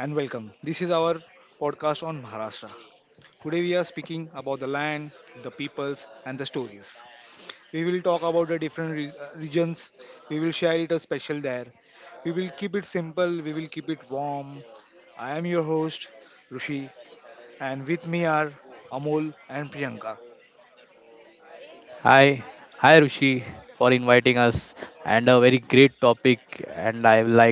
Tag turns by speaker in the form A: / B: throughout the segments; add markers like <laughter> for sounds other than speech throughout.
A: and welcome. This is our podcast on Maharashtra. Today we are speaking about the land, the peoples, and the stories. We will talk about the different regions. We will share it a special there. We will keep it simple. We will keep it warm. I am your host, Rushi, and with me are Amol and Priyanka.
B: Hi, hi Rushi for inviting us and a very great topic and I like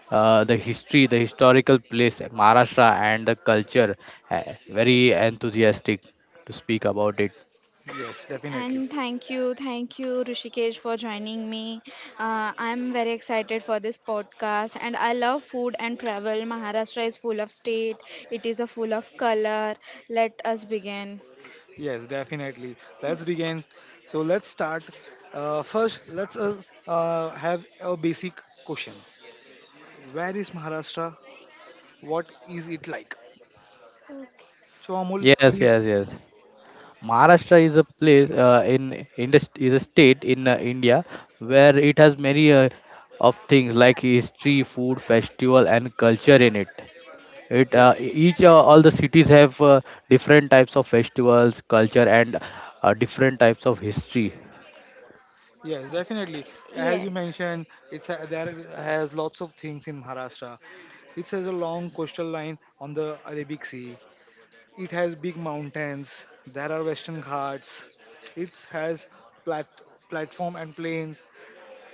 B: the history, the historical place Maharashtra and the culture. Very enthusiastic to speak about it.
A: Yes, definitely.
C: And thank you, Rishikesh, for joining me. I'm very excited for this podcast, and I love food and travel. Maharashtra is full of state, it is a full of color. Let us begin.
A: Yes, definitely. Let's begin. So let's start. First, let's us have a basic question. Where is Maharashtra? What is it like?
C: Okay.
A: So Amul,
B: Yes,
A: please.
B: yes, yes. Maharashtra is a place is a state in India where it has many of things like history, food, festival and culture in it. It e-
A: Yes,
B: each All the cities have different types of festivals culture and different types of history.
A: yes, definitely. As you
C: Yes.
A: mentioned, it's a, there has lots of things in Maharashtra. It has a long coastal line on the Arabic Sea. It has big mountains. There are western ghats. It has plat- platform and plains.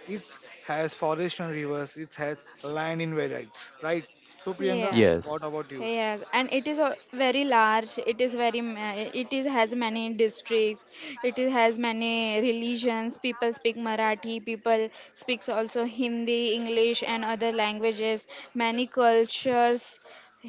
A: It has forest and rivers. It has land in variants, right? So Priyanka,
C: Yes,
B: yes,
A: what about you?
C: yes, and it is a very large. It is very. It is has many districts. It is has many religions. People speak Marathi. People speaks also Hindi, English, and other languages. Many cultures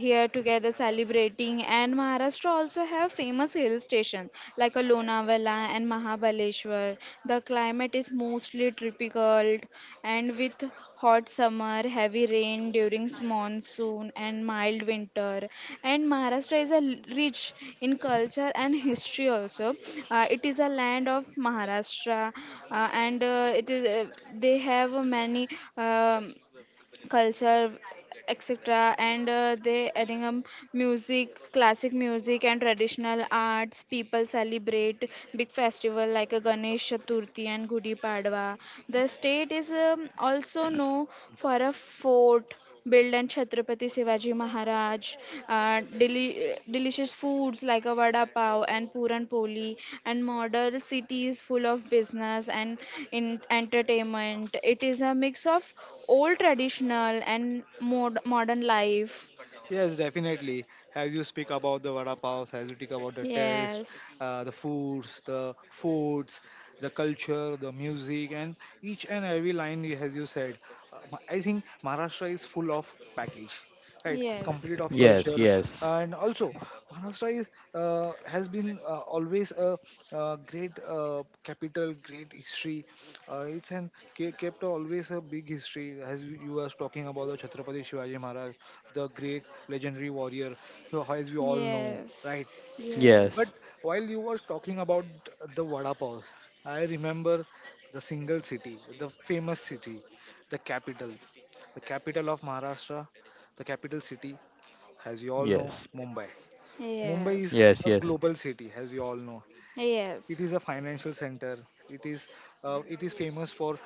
C: here together celebrating, and Maharashtra also have famous hill stations like a Lonavala and Mahabaleshwar. The climate is mostly tropical and with hot summer, heavy rain during monsoon, and mild winter, and Maharashtra is a rich in culture and history also. It is a land of Maharashtra, and it is they have many um, culture etc, and they adding music, classic music and traditional arts. People celebrate big festival like a Ganesh Chaturthi and Gudi Padwa. The state is also known for a fort built and Chhatrapati Shivaji Maharaj, delicious foods like a vada pav and puran poli, and modern cities full of business and in entertainment. It is a mix of old traditional and modern life.
A: Yes, definitely. As you speak about the vada paos, as you speak about the taste,
C: Yes,
A: the foods, the foods, the culture, the music, and each and every line, as you said, I think Maharashtra is full of package, right?
C: yes,
A: Complete of
B: yes,
A: culture,
B: yes,
A: and also Maharashtra is has been always a, great capital, great history. It's an kept always a big history, as you was talking about the Chhatrapati Shivaji Maharaj the great legendary warrior, as we all know,
C: yes,
A: right?
C: yes,
B: yes,
A: But while you were talking about the Vada Pav, I remember the single city, the famous city, the capital, the capital of Maharashtra, the capital city, as we all know,
B: yes,
A: Mumbai.
C: yes,
A: Mumbai
C: yes,
A: is
B: yes,
A: a
B: yes,
A: global city, as we all know. It
C: yes,
A: is a financial center. It is it is famous for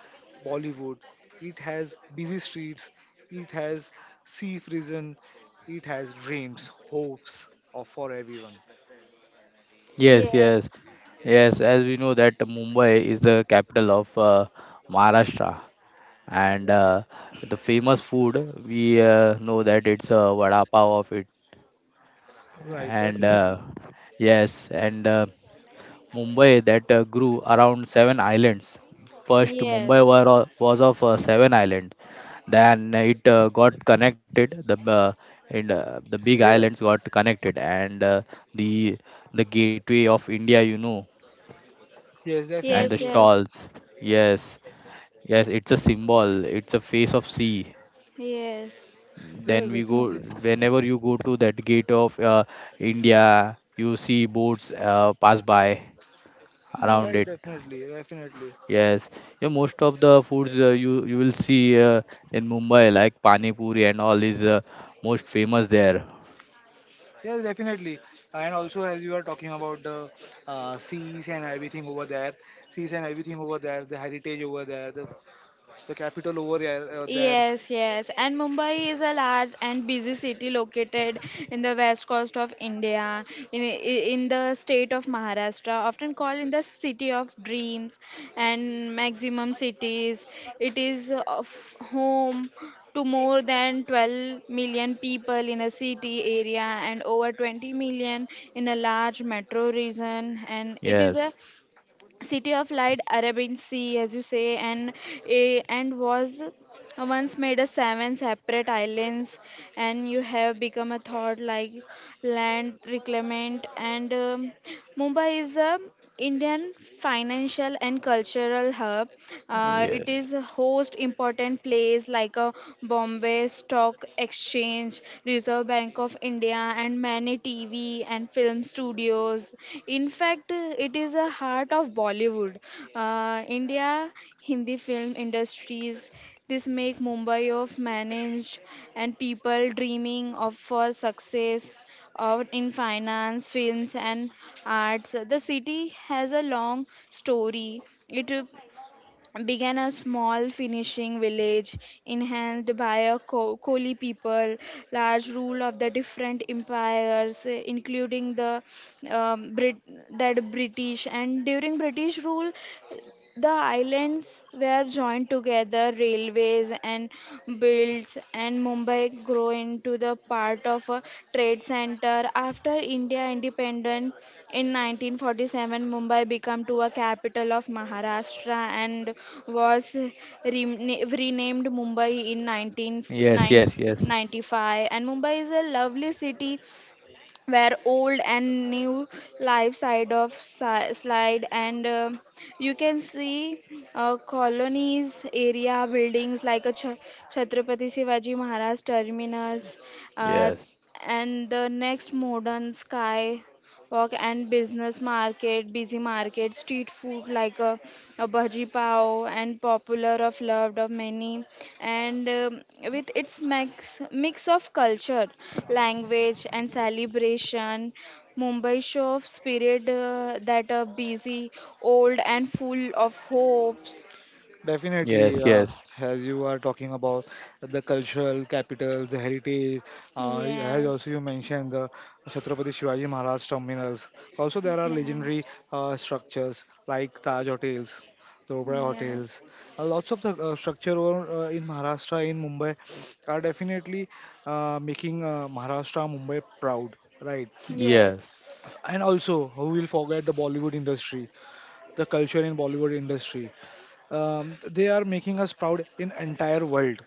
A: Bollywood. It has busy streets. It has sea prison. It has dreams, hopes of for everyone.
B: yes, yes, yes, as we know that Mumbai is the capital of Maharashtra, and the famous food, we know that it's a vada pav of it.
A: Right, right,
B: And
A: definitely.
B: yes, and Mumbai that grew around seven islands. First, Mumbai were, was of seven islands. Then it got connected. The big
A: Yes,
B: islands got connected, and the the gateway of India,
A: yes,
B: and the
C: yes,
A: definitely.
C: yes,
B: stalls. Yes, yes, it's a symbol. It's a face of sea.
C: yes, yes,
A: Yes,
B: Then we go,
A: definitely.
B: whenever you go to that gate of India, you see boats pass by around
A: Right,
B: it.
C: yes.
A: definitely, definitely.
B: Yes, yeah, most of the foods you will see in Mumbai, like Pani Puri and all is most famous there.
A: Yes, definitely. And also, as you are talking about the seas and everything over there, seas and everything over there, the heritage over there, the capital over there, there.
C: Yes, yes. And Mumbai is a large and busy city located in the west coast of India, in the state of Maharashtra, often called in the city of dreams and maximum cities. It is of home to more than 12 million people in a city area and over 20 million in a large metro region, and it is a
B: Yes,
C: city of light Arabian Sea, as you say, and and was once made a seven separate islands, and you have become a thought like land reclamation, and Mumbai is a Indian financial and cultural hub. It
B: yes,
C: is a host important place like a Bombay Stock Exchange, Reserve Bank of India, and many TV and film studios. In fact, it is a heart of Bollywood. India Hindi film industries. This make Mumbai of managed, and people dreaming of for success out in finance, films, and arts. The city has a long story. It began a small finishing village enhanced by a Koli people, large rule of the different empires, including the that British. And during British rule, the islands were joined together, railways and builds, and Mumbai grew into the part of a trade center. After India independence in 1947, Mumbai became to a capital of Maharashtra and was renamed Mumbai in
B: yes, yes, yes,
C: 1995. And Mumbai is a lovely city where old and new life side of slide, and you can see colonies area buildings like a Chhatrapati Shivaji Maharaj terminus, uh,
B: yes,
C: and the next modern sky work and business market, busy market, street food like a bhaji pav and popular of loved of many, and with its mix of culture, language and celebration, Mumbai show of spirit that are busy, old and full of hopes.
A: Definitely,
B: yes, yes,
A: as you are talking about the cultural capitals, the heritage, as also
C: Yes,
A: you mentioned the Chhatrapati Shivaji Maharaj terminals. Also, there are
C: yes,
A: legendary structures like Taj Hotels, the Oberoi
C: yes,
A: Hotels. Lots of the structure over, in Maharashtra, in Mumbai, are definitely making Maharashtra, Mumbai proud, right?
B: yes,
C: yes,
A: And also, who will forget the Bollywood industry, the culture in Bollywood industry. They are making us proud in entire world.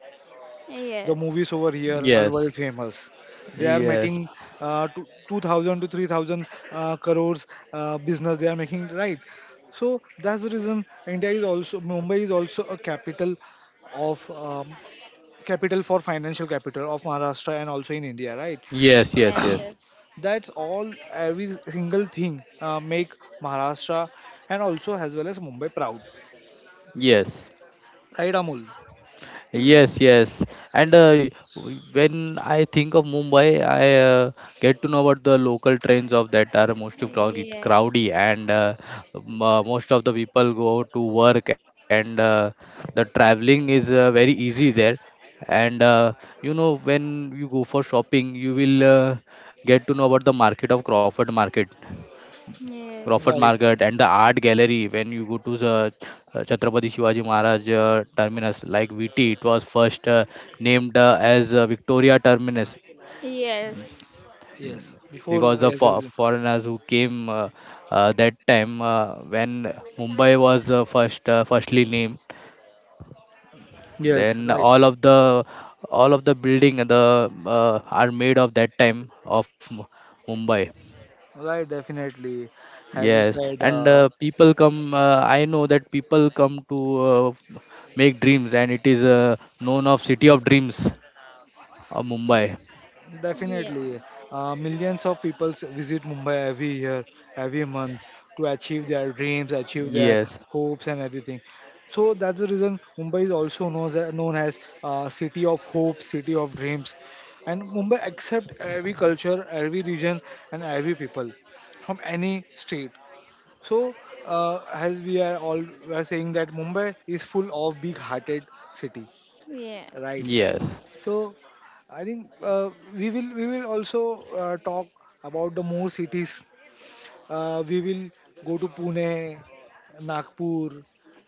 A: The
C: yes,
A: movies over here are
B: yes,
A: world famous. They are
B: yes,
A: making 2,000 to 3,000 crores business they are making, right? So that's the reason India is also, Mumbai is also a capital of capital for financial capital of Maharashtra and also in India, right?
B: yes, yes, yes,
C: yes,
B: yes,
C: yes,
A: That's all every single thing make Maharashtra and also as well as Mumbai proud,
B: yes.
A: right, Amul?
B: Yes, yes. And when I think of Mumbai, I get to know about the local trains of that are most
C: yeah,
B: of
C: yeah,
B: crowdy, and most of the people go to work, and the traveling is very easy there. And when you go for shopping, you will get to know about the market of Crawford Market. Crawford
C: yes.
A: Right.
B: Market and the art gallery, when you go to the Chhatrapati Shivaji Maharaj terminus like VT, it was first named as Victoria terminus,
C: Yes.
A: Yes,
B: because
A: before
B: the
A: yes, yes, yes,
B: foreigners who came that time when Mumbai was firstly named,
A: Yes,
B: then
A: right,
B: all of the building, the are made of that time of Mumbai.
A: right, definitely. As you
B: Yes,
A: said,
B: and people come. I know that people come to make dreams, and it is known of City of Dreams, Mumbai.
C: Yes.
A: definitely, millions of people visit Mumbai every year, every month to achieve their dreams, achieve their
B: Yes,
A: hopes and everything. So that's the reason Mumbai is also known as city of hope, city of dreams. And Mumbai accept every culture, every region, and every people from any state. So, as we are all we are saying that Mumbai is full of big-hearted city,
C: Yes.
A: right?
B: yes,
A: So, I think we will also talk about the more cities. We will go to Pune, Nagpur,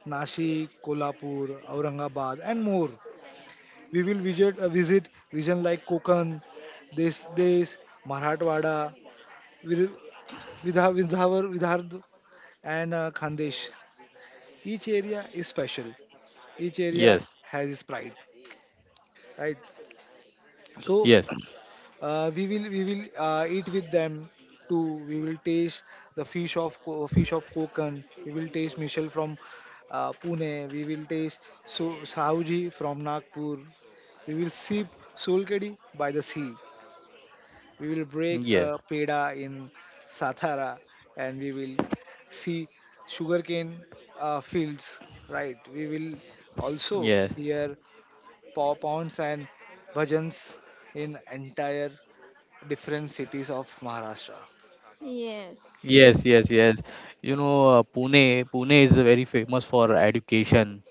A: Nashik, Kolhapur, Aurangabad, and more. We will visit visit region like Konkan, Des Des, Marathwada, Vir- Vidha, Vidhavar, Vidhard, and Khandesh. Each area is special, each area
B: yes,
A: has its pride, right? So
B: yes,
A: we will eat with them too, we will taste the fish of fish of kokan, we will taste michel from pune, we will taste so sauji from nagpur, we will sip solkadi by the sea, we will break a
B: yes,
A: peda in satara, and we will see sugarcane fields, right? We will also
B: yes,
A: hear Pop-ons and bhajans in entire different cities of Maharashtra.
C: Yes.
B: yes, yes, yes. You know, Pune. Pune is very famous for education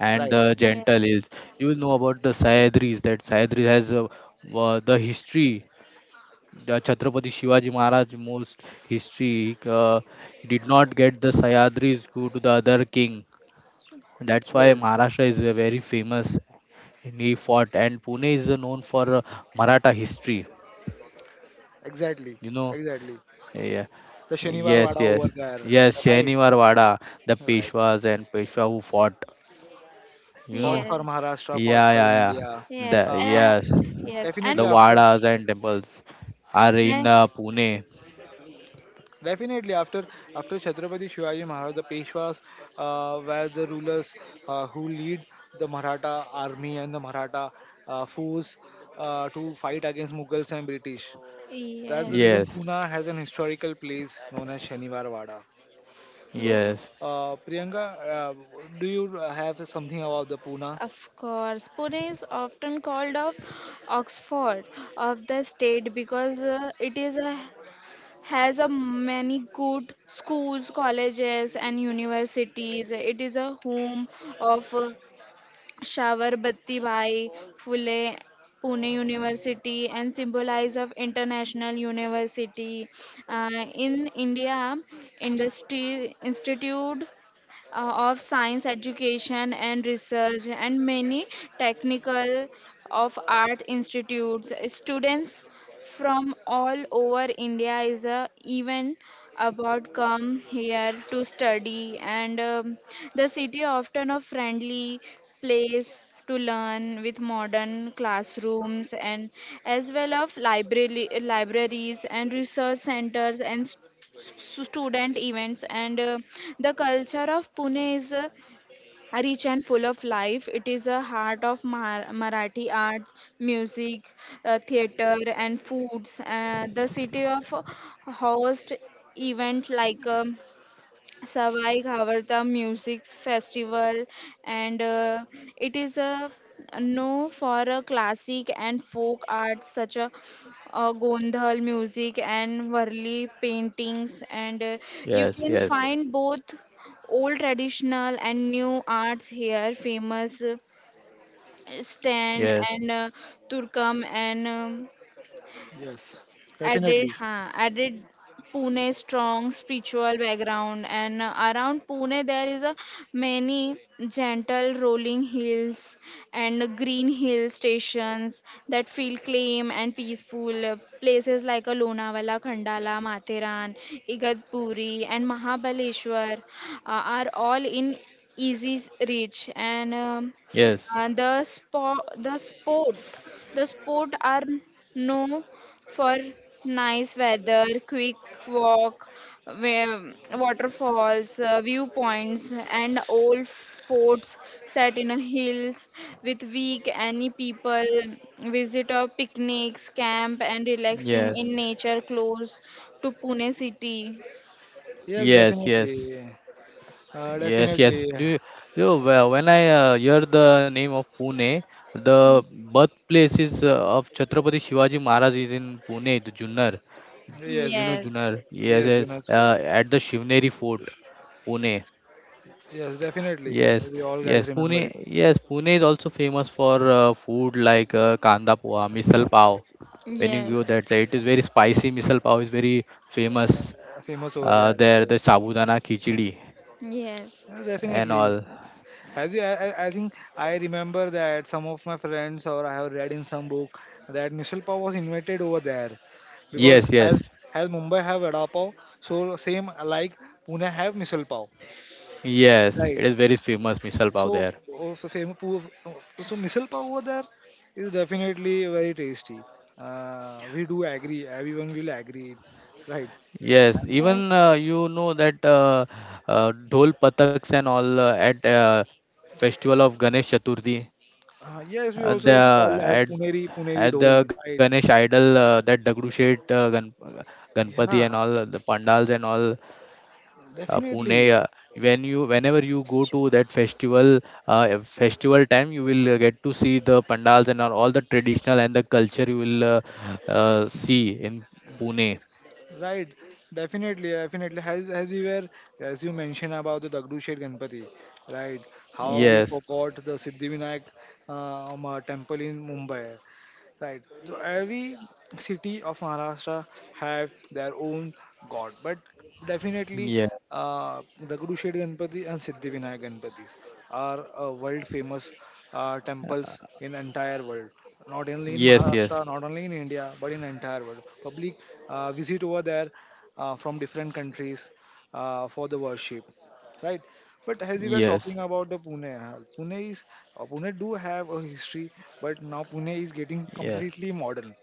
B: and
A: Right.
B: the gentle
C: Yes.
B: hills. You will know about the Sahyadris. That Sahyadris has the history. The Chhatrapati Shivaji Maharaj most history, he did not get the Sayadris go to the other king. That's why
A: Yes.
B: Maharashtra is very famous, and he fought, and Pune is known for Maratha history.
A: Exactly.
B: You know,
A: Exactly.
B: yeah,
A: The Shaniwar
B: yes,
A: Wada
B: yes,
A: over there.
B: yes.
A: Right.
B: Shaniwar Wada, the
A: Right.
B: Peshwas and Peshwa who fought. You
A: Fought
B: know,
A: for
C: Yes.
A: Maharashtra. Fought
B: yeah,
A: for
B: yeah, yeah.
A: India.
C: Yes.
B: The
A: After
B: yes,
C: Yes. And,
A: definitely
B: the
A: after
B: Wadas and temples are in
C: and
B: Pune.
A: definitely after after Chhatrapati Shivaji Maharaj, the Peshwas were the rulers who lead the Maratha army and the Maratha force to fight against Mughals and British. That's the
C: yes.
A: reason
B: Yes,
A: Pune has an historical place known as Shaniwarwada. So,
C: Yes.
B: yes.
A: Priyanka, uh, do you have something about the Pune?
C: Of course, Pune is often called of Oxford of the state because it is a, has a many good schools, colleges, and universities. It is a home of Shavar Batti Bhai Phule, Pune University, and symbolize of international university. Uh, in India, Industry Institute of Science Education and Research, and many technical of art institutes. Students from all over India is a event about come here to study, and the city often a friendly place to learn with modern classrooms and as well of library libraries and research centers, and student events, and the culture of Pune is rich and full of life. It is a heart of Marathi arts, music, theater, and foods. The city of host event like Savai Ghavarta Music Festival, and it is a known for a classic and folk art such a Gondhal music and Varli paintings, and you
B: Yes,
C: can
B: yes,
C: find both old traditional and new arts here. Famous stand
B: yes,
C: and Turkam, and
A: Yes, definitely.
C: added Pune strong spiritual background, and around Pune there is a many gentle rolling hills and green hill stations that feel claim and peaceful. Places like a Lonavala, Khandala, Matheran, Igatpuri and Mahabaleshwar are all in easy reach, and
B: yes,
C: uh, the sport the sport the sport are no for nice weather, quick walk, waterfalls, viewpoints, and old forts set in hills with weak any people, visitor picnics, camp, and relaxing
B: yes,
C: in nature close to Pune city.
A: Yes,
B: yes, yes,
A: definitely.
B: yes, yes.
A: Definitely.
B: Do you, you know, Well, when I hear the name of Pune, the birthplace is of Chhatrapati Shivaji Maharaj is in Pune, the Junnar. You know
A: Yes,
C: Yes,
B: Junnar. Yes,
A: yes,
B: yes.
A: Jonas Fort.
B: At the Shivneri Fort, Pune.
A: Yes, definitely.
B: Yes,
A: We all
B: yes,
A: guys
B: Pune.
A: remember it.
B: Yes, Pune is also famous for food like kanda poha, misal pav. When you
C: yes,
B: go that side, it is very spicy. Misal pav is very famous.
A: Uh, famous over there.
B: There,
A: Yes,
B: the sabudana khichdi
C: yes,
A: yes
B: and
A: definitely.
B: all.
A: As you, I think I remember that some of my friends or I have read in some book that Mishal Pav was invented over there because
B: Yes, yes,
A: as Mumbai have vada pav, so same like Pune have Mishal Pav,
B: yes.
A: right?
B: It is very famous misal pav
A: So
B: there.
A: oh, so famous so Mishal Pav over there is definitely very tasty. We do agree. Everyone will agree, right?
B: Yes,
A: And,
C: yes,
B: even you know that dhol pataks and all at festival of Ganesh Chaturthi.
A: yes, we
B: The
A: also call as
B: at
A: Puneri
B: at
A: Dhol,
B: the
A: right?
B: Ganesh idol that Dagdushet Ganpati and
A: Yeah,
B: all the pandals and all Pune.
A: definitely.
B: Whenever you go to that festival festival time, you will get to see the pandals and all the traditional and the culture you will see in Pune.
A: Right, definitely, definitely. As you mentioned about the Dagdushet Ganpati, right? How we
B: Yes,
C: yes,
A: forgot the Siddhivinayak temple in Mumbai. Right. So every city of Maharashtra have their own god, but definitely
B: yeah,
A: uh, the Gudusheti Ganpati and Siddhivinayak Ganpatis are world famous temples in entire world. Not only in
B: yes, yes,
A: Maharashtra, not only in India, but in entire world. Public visit over there from different countries for the worship, right? But as we were
B: yes,
A: talking about the Pune, Pune is Pune do have a history, but now Pune is getting
B: yes,
A: completely modern.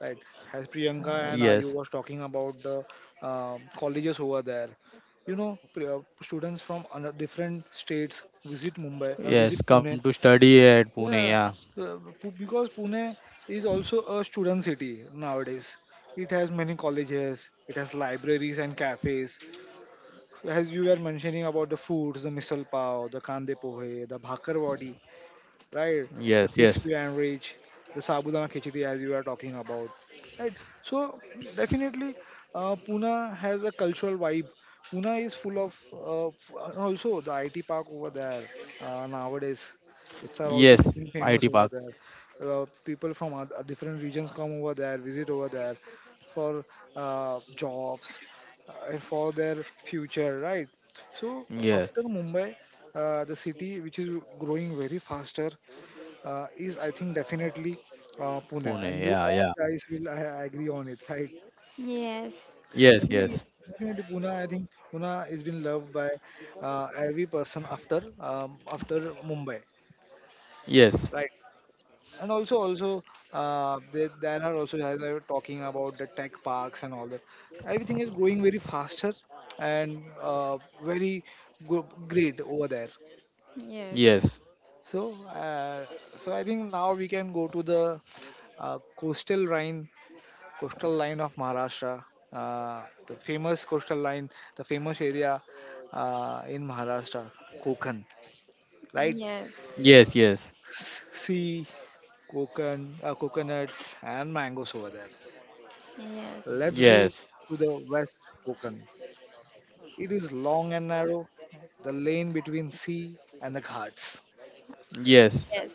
A: Right? As Priyanka and
B: yes,
A: Ayu was talking about the colleges over there, you know, students from different states visit Mumbai, visit
B: yes. Come
A: Pune.
B: to study at Pune.
A: Yeah,
B: Yeah,
A: because Pune is also a student city nowadays. It has many colleges, it has libraries and cafes. As you were mentioning about the foods, the misal pav, the kande pohe, the bhakar, right? The
B: yes,
A: crispy
B: yes,
A: and rich, the sabudana khichdi as you are talking about, right? So definitely, Pune has a cultural vibe. Pune is full of, and also the IT park over there nowadays. It's are also
B: yes.
A: getting famous
B: IT
A: over
B: Park.
A: there. People from different regions come over there, visit over there for jobs, for their future, right? So
B: Yes,
A: after Mumbai, the city which is growing very faster is I think definitely Pune, and
B: Pune.
A: you
B: Yeah,
A: all
B: yeah.
A: guys will agree on it, right?
C: yes,
B: Yes, yes,
A: Definitely, definitely Pune. I think Pune is been loved by every person after after Mumbai,
B: yes,
A: right? And also, also there are also as I was talking about the tech parks and all that. Everything is growing very faster and very great over there.
C: yes,
B: yes,
A: So, so I think now we can go to the uh, coastal Rhine coastal line of Maharashtra, uh, the famous coastal line, the famous area in Maharashtra, Konkan, right?
C: yes,
B: yes, yes,
A: Sea, Konkan, coconuts, and mangoes over there.
C: yes, yes,
A: Let's go
B: yes,
A: to the west Konkan. It is long and narrow, the lane between sea and the ghats.
B: yes.
C: yes.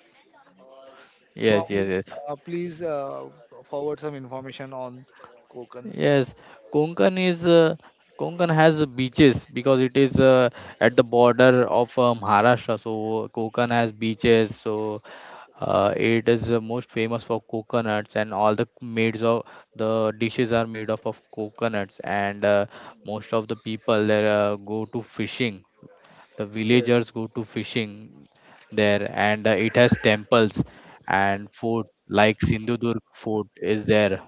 A: So,
B: Yes, yes,
A: Amol,
B: yes.
A: please forward some information on Konkan.
B: Yes, Konkan is uh, Konkan has beaches because it is at the border of Maharashtra. So Konkan has beaches. So it is most famous for coconuts, and all the maids of the dishes are made of coconuts. And most of the people there go to fishing. The
A: Yes,
B: villagers go to fishing there, and it has temples and fort like Sindhudurg Fort is there.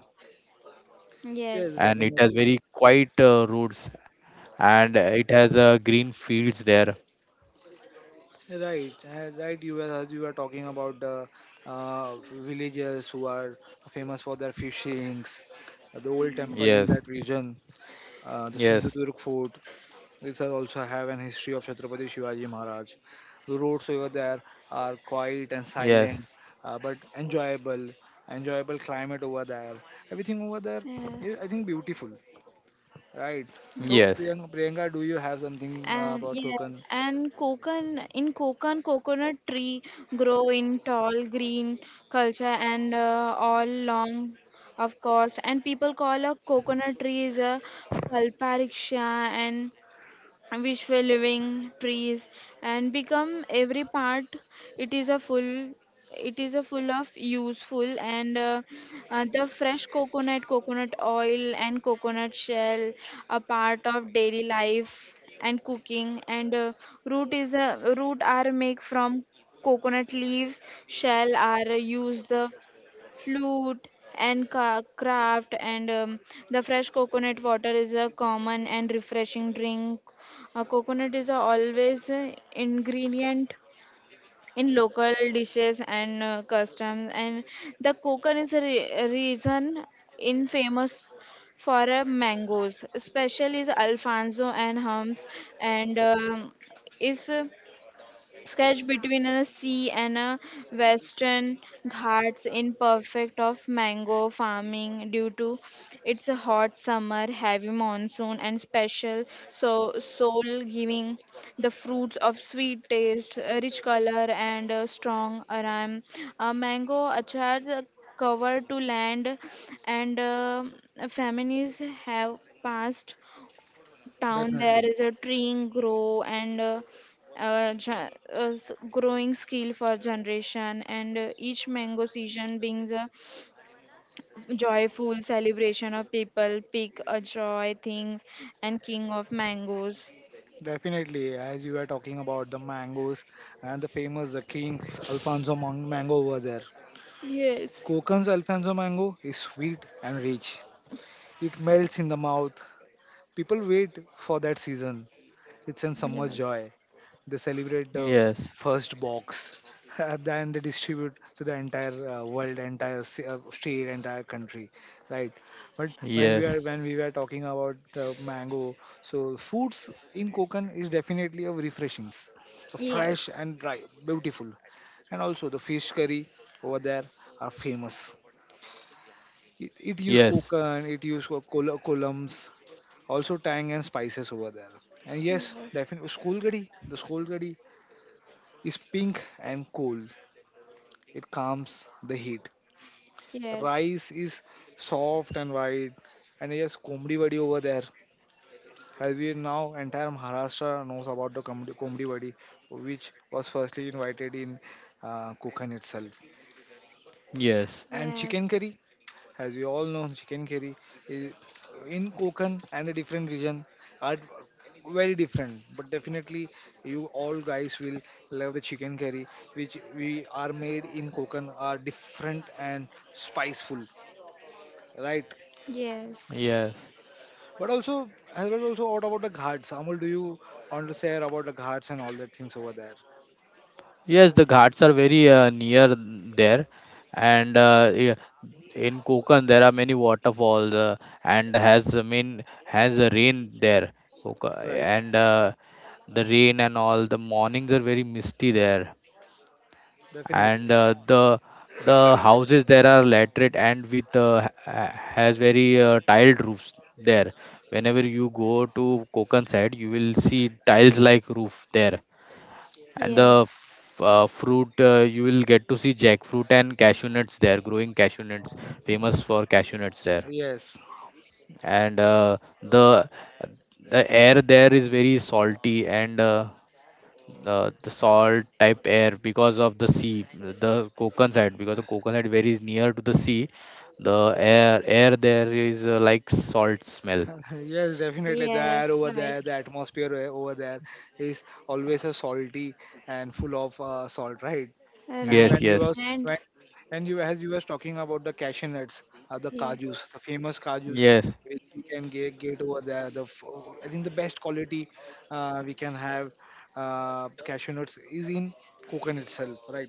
A: yes,
C: Yes.
B: And it has
A: definitely.
B: very quiet roads, and it has green fields there.
A: Right, right. You were as you were talking about the villagers who are famous for their fishings, the old temple
B: Yes,
A: in that region, the
B: yes,
A: Sindhudurg fort, which are also have an history of Chhatrapati Shivaji Maharaj. The roads over there are
B: yes,
A: quiet and silent, but enjoyable, enjoyable climate over there. Everything over there is,
C: Yes,
A: I think, beautiful. Right.
B: yes,
A: So,
C: yes.
A: Priyanka, Priyanka, do you have something
C: And
A: about
C: yes,
A: Konkan?
C: and coconut in Konkan, coconut tree grow in tall green culture and all long, of course. And people call a coconut tree is a kalpariksha and wishful living trees, and become every part, it is a full it is a full of useful, and the fresh coconut, coconut oil and coconut shell a part of daily life and cooking, and root is a root are make from coconut leaves, shell are used flute and craft, and the fresh coconut water is a common and refreshing drink. Coconut is a always ingredient in local dishes and customs, and the coconut is a a reason in famous for mangoes, especially is Alfonso and hums, and is sketch between a sea and a western ghats in perfect of mango farming due to its hot summer, heavy monsoon and special soul giving, the fruits of sweet taste, a rich color and a strong aroma, a mango achar cover to land, and families have passed town there
A: Definitely.
C: is a tree grow, and growing skill for generation, and each mango season brings a joyful celebration of people pick a joy things and king of mangoes.
A: Definitely, as you were talking about the mangoes and the famous the King mango over there.
C: Yes.
A: Kokan's Alfonso mango is sweet and rich. It melts in the mouth. People wait for that season. It's a summer
C: Yes,
A: joy. They celebrate the
B: yes,
A: first box <laughs> and then they distribute to the entire world, state, entire country, right? But
B: yes,
A: when we were talking about mango, so foods in Konkan is definitely of refreshing,
C: yes.
A: fresh and dry, beautiful, and also the fish curry over there are famous. It use
B: yes,
A: Konkan, it use co- col- columns, also tang and spices over there. And
C: Yeah,
A: yes,
C: yes,
A: definitely school curry, the school curry is pink and cool. It calms the heat.
C: yes,
A: Rice is soft and white. And yes, Komdi Vadi over there. As we now, entire Maharashtra knows about the Komdi Vadi, which was firstly invited in Kukan itself.
B: yes,
A: And chicken curry as we all know, <laughs> chicken curry is in Konkan and the different region are very different. But definitely, you all guys will love the chicken curry, which we are made in Konkan are different and spiceful, right?
C: yes,
B: yes,
A: But also, as well also, what about the ghats? Amul, do you want to share about the ghats and all the things over there?
B: yes. The ghats are very near there, and yeah, in Konkan there are many waterfalls and has mean has a rain there,
A: Right,
B: and the rain and all the mornings are very misty there,
A: definitely.
B: and the houses there are laterite and with has very tiled roofs there. Whenever you go to Konkan side, you will see tiles like roof there. And
C: yes,
B: the fruit, you will get to see jackfruit and cashew nuts there, growing cashew nuts, famous for cashew nuts there.
A: Yes.
B: And the air there is very salty, and the salt type air because of the sea, the Konkan side, because the Konkan side very is near to the sea, the air there is like salt smell.
A: <laughs> Yes, definitely. There
C: yes.
A: over
C: Right,
A: there, the atmosphere over there is always a salty and full of salt, right? And
B: Yes,
C: right,
A: when you
B: yes,
A: was
C: and
A: when and you as you was talking about the cashew nuts, the
C: yeah.
A: kajus, the famous kajus,
B: yes,
A: which we can get over there. I think the best quality we can have cashew nuts is in coconut itself, right?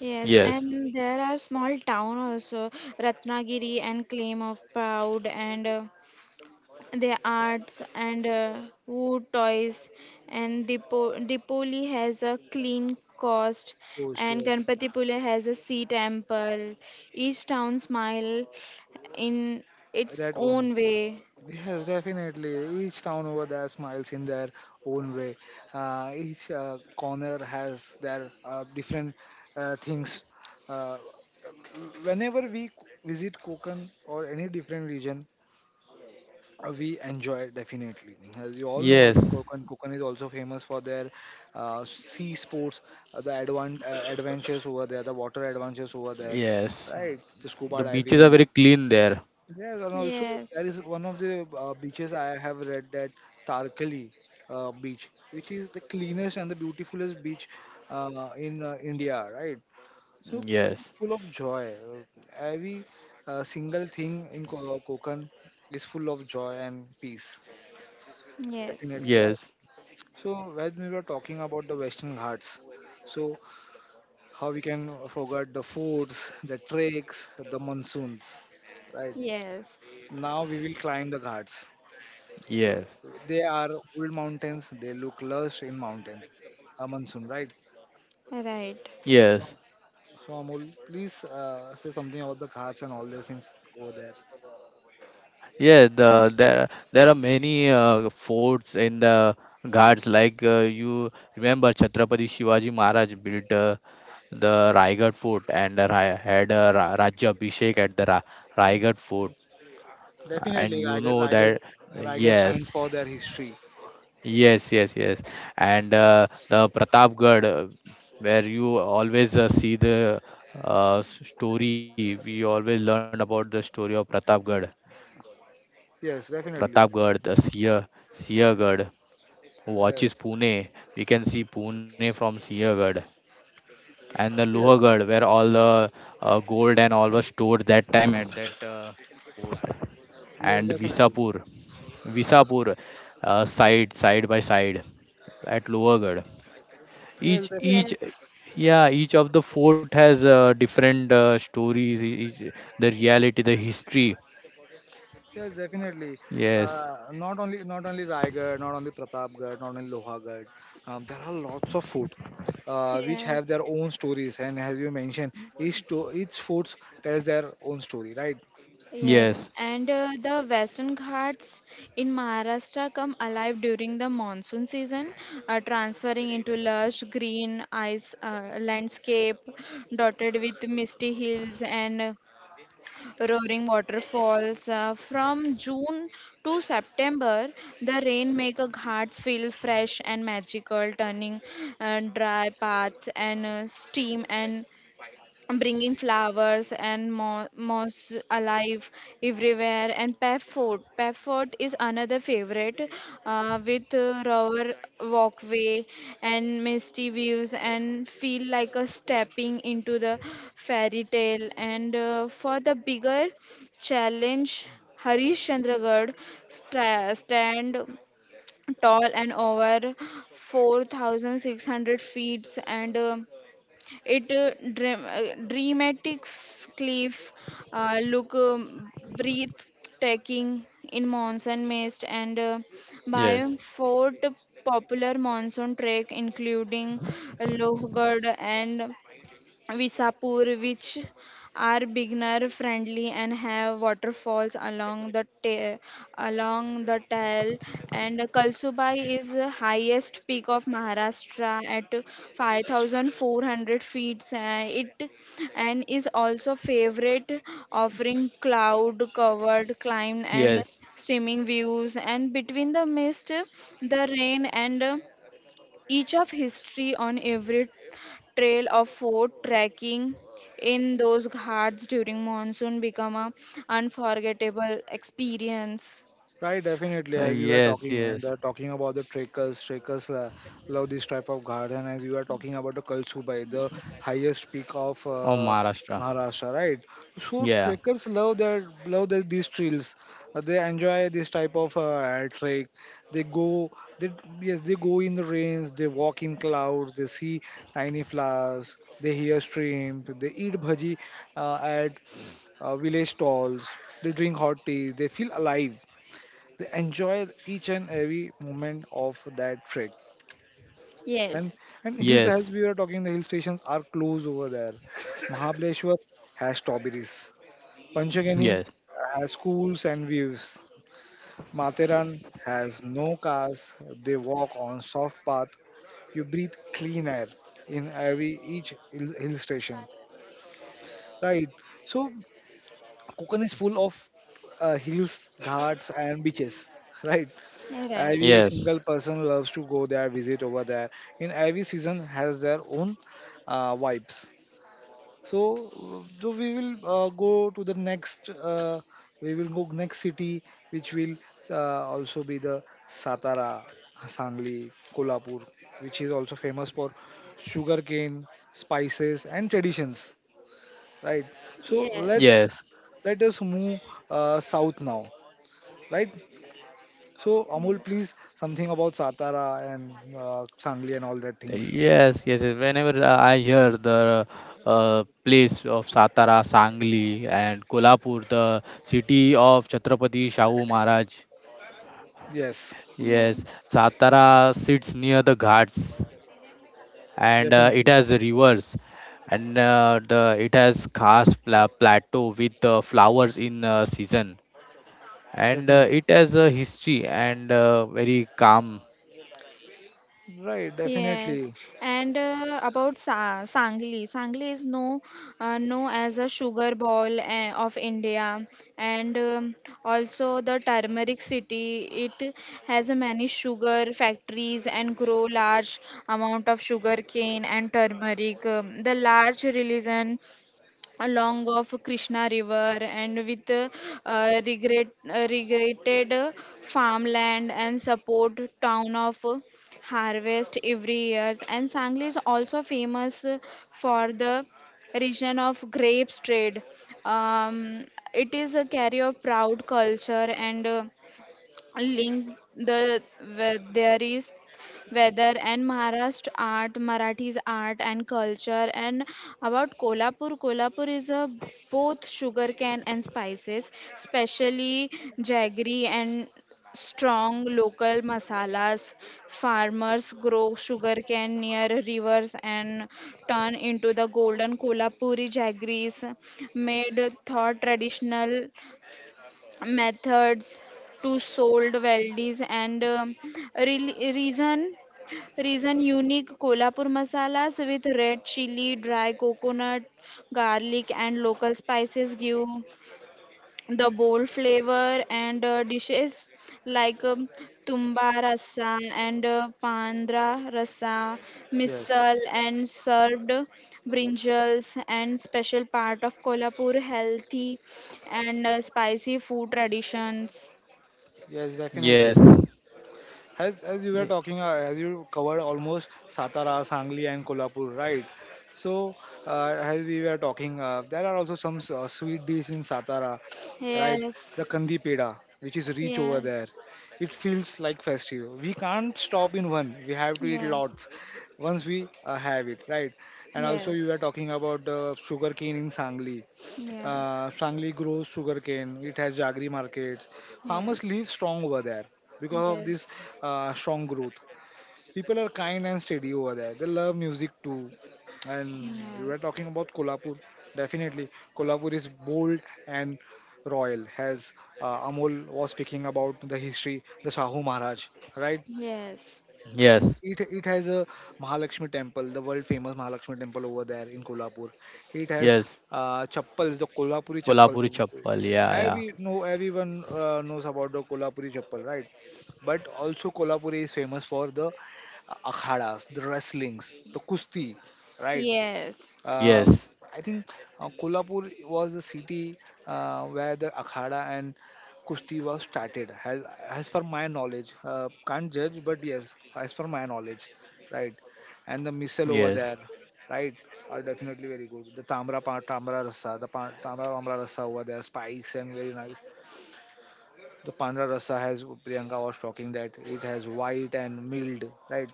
C: Yes,
B: yes,
C: and there are small town also, Ratnagiri and Claim of Proud, and the arts and wood toys, and Dipoli has a clean cost,
A: Coast,
C: and
A: yes,
C: Ganpatipule has a sea temple. Each town smile in its
A: that own.
C: own way.
A: Yes, definitely. Each town over there smiles in their own way. Each corner has their different things. Uh, whenever we visit Konkan or any different region, we enjoy definitely. As you all know,
B: yes,
A: Konkan is also famous for their sea sports, adventures over there, the water adventures over there,
B: yes.
A: right? The
B: The
A: scuba
B: beaches are
A: diving,
B: very clean there.
A: yes, and also
C: Yes,
A: there is one of the beaches I have read that Tarkali beach, which is the cleanest and the beautifulest beach in India, right? So it's
B: Yes,
A: full of joy. Every single thing in Konkan is full of joy and peace,
C: yes,
A: definitely, right?
B: yes,
A: So when we were talking about the Western Ghats, so how we can forget the forts, the treks, the monsoons, right?
C: yes,
A: Now we will climb the ghats.
B: yes,
A: They are old mountains. They look lush in mountain. A monsoon, right?
C: right.
A: So,
B: yes.
A: so Amol, please say something about the Ghats and all these things over there.
B: Yeah, there are many forts in the Ghats. Like you remember, Chhatrapati Shivaji Maharaj built the Raigad Fort, and had a Rajya Abhishek at the Raigad Fort. And
A: Definitely,
B: you know
A: Raigad,
B: that.
A: Raigad
B: Yes,
A: stands for their history.
B: yes, yes, yes. And the Pratapgarh, where you always see the story. We always learn about the story of Pratapgarh.
A: Yes, definitely.
B: Pratapgarh, the Siyagarh. Watch is
A: Yes,
B: Pune. We can see Pune from Siahgad, and the
A: yes,
B: Lohagad, where all the gold and all was stored that time at that fort.
A: yes,
B: And
A: definitely.
B: Visapur, side by side at Lohagad.
A: Yes,
B: Each each
A: definitely.
C: Yes,
B: yeah each of the fort has different stories, each, the reality, the history.
A: Yes, definitely.
B: Yes,
A: Not only not only Raigad, not only Pratapgarh, not only Lohagad. There are lots of food which
C: yes.
A: have their own stories, and as you mentioned, each foods tells their own story, right?
C: Yes,
B: yes,
C: and the Western Ghats in Maharashtra come alive during the monsoon season, transferring into lush green ice landscape dotted with misty hills and roaring waterfalls. From June to September, the rain make a ghats feel fresh and magical, turning dry paths and steam, and bringing flowers and moss alive everywhere, and Pefford. Pefford is another favorite with rower walkway and misty views and feel like a stepping into the fairy tale, and for the bigger challenge Harishchandragarh stand tall and over 4,600 feet, and it dramatic cliff look breathtaking in monsoon mist, and
B: yes,
C: biome fort popular monsoon trek including Lohgad and Visapur, which are beginner friendly and have waterfalls along the tail. And Kalsubai is the highest peak of Maharashtra at 5,400 feet. It and is also favorite, offering cloud-covered climb and
B: yes,
C: streaming views. And between the mist, the rain and each of history on every trail of fort trekking in those ghats during monsoon become a unforgettable experience.
A: Right, definitely. As you were
B: Yes,
A: talking,
B: yes.
A: they're talking about the trekkers. Trekkers love this type of ghats, and as you are talking about the Kalsubai, the highest peak of
B: Oh, Maharashtra.
A: Maharashtra, right? So
B: Yeah.
A: trekkers love that these trails. They enjoy this type of trek. They go, they yes, they go in the rains. They walk in clouds. They see tiny flowers. They hear streams. They eat bhaji at village stalls. They drink hot tea. They feel alive, they enjoy each and every moment of that trek. And
C: Yes,
A: and hills,
B: Yes,
A: as we were talking, the hill stations are close over there. Mahabaleshwar has strawberries. Panchagani
B: yes,
A: has schools and views. Matheran has no cars. They walk on soft path. You breathe clean air in every hill station. Right. So Konkan is full of hills, ghats, and beaches. Right.
C: you're right.
A: Every
B: yes,
A: single person loves to go there, visit over there. In every season has their own vibes. So we will go to the next. We will go next city, which will also be the Satara, Sangli, Kolhapur, which is also famous for sugarcane, spices, and traditions. Right. So
C: Yes,
B: yes,
A: let's let us move south now. Right. So,
C: yeah,
A: Amol, please, something about Satara and Sangli and all that things.
B: yes, yes, yes. Whenever I hear the place of Satara, Sangli, and Kolhapur, the city of Chhatrapati Shahu Maharaj.
A: Yes,
C: yeah.
B: Yes, Satara sits near the ghats, and it
A: definitely.
B: has rivers, and the it has khas plateau with flowers in season, and
A: Definitely.
B: it has a history, and very calm.
A: Right,
C: Yes,
A: definitely.
C: and about Sa Sangli, Sangli is known known as a sugar ball of India, and also the turmeric city. It has a many sugar factories and grow large amount of sugar cane and turmeric. The large religion along of Krishna River, and with regretted farmland and support town of harvest every year. And Sangli is also famous for the region of grapes trade. Um, it is a carry of proud culture, and link the where there is weather and Maharashtra art, Marathis art and culture, and about Kolhapur. Kolhapur is a both sugarcane and spices, especially jaggery and strong local masalas. Farmers grow sugarcane near rivers and turn into the golden Kolhapuri jaggeries made thought traditional methods to sold weldies, and re- reason reason unique Kolhapur masalas with red chili, dry coconut, garlic and local spices give the bold flavor, and dishes like tumba rasa and pandra rasa
A: Yes.
C: misal, and served brinjals and special part of Kolhapur healthy and spicy food traditions.
A: Yes,
B: Yes.
A: definitely. As you were
B: Y-
A: talking, as you covered almost Satara, Sangli, and Kolhapur, right? So as we were talking, there are also some sweet dish in Satara, right?
C: Yes,
A: The kandi peda, which is rich over
C: yes,
A: there. It feels like festive. We can't stop in one. We have to eat
C: yes,
A: lots once we have it, right? And also you
C: yes,
A: were talking about the sugarcane in Sangli.
C: yes,
A: Sangli grows sugarcane. It has jaggery markets. Farmers
C: yes,
A: live strong over there because of this strong growth. People are kind and steady over there. They love music too. And you were
C: yes,
A: talking about Kolhapur. Definitely, Kolhapur is bold and royal. As Amol was speaking about the history, the Shahu Maharaj, right?
C: yes,
B: Yes,
A: It has a Mahalakshmi temple, the world famous Mahalakshmi temple over there in Kolhapur. It has
B: yes,
A: chappals, the Kolhapuri chappal.
B: Kolhapuri chappal. Yeah, yeah.
A: Every no everyone knows about the Kolhapuri chappal, right? But also Kolhapur is famous for the akhadas, the wrestlings, the kusti, right?
C: yes, yes,
A: Uh,
B: Yes,
A: I think Kolhapur was the city where the akhada and kushti was started. As per my knowledge, can't judge, but yes, as per my knowledge, right? And the missile over
B: yes,
A: there, right, are definitely very good. The tamra rasa, the tamra rasa over there, spice and very nice. The pandra rasa has Priyanka was talking that it has white and mild, right?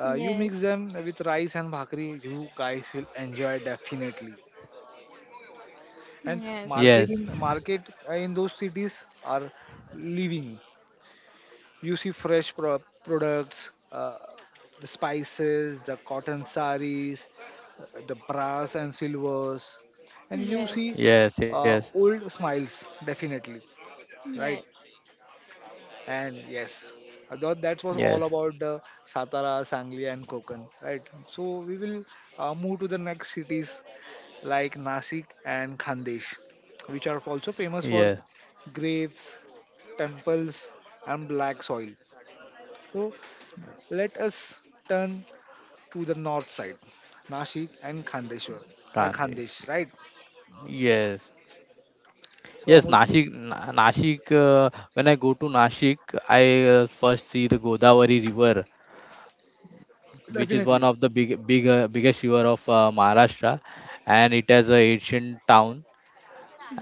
A: You
C: yes,
A: mix them with rice and bhakri, you guys will enjoy definitely. And
B: yes,
A: market in those cities are living, you see products, the spices, the cotton saris, the brass and silvers, and
C: yes,
A: you
C: yes,
A: see
C: yes,
B: yes, yes,
A: old smiles, definitely, right.
C: yes.
A: And yes, I thought that was
B: yes,
A: all about the Satara, Sangli, and Kokan, right? So we will move to the next cities like Nasik and Khandesh, which are also famous for
B: yes.
A: grapes, temples, and black soil. So let us turn to the north side, Nashik and Khandeshwar,
B: Gandhi.
A: Khandesh, right?
B: Yes,
A: So
B: yes.
A: Amul,
B: Nashik. When I go to Nashik, I first see the Godavari River, which is one
A: definitely,
B: of the biggest river of Maharashtra, and it has a ancient town,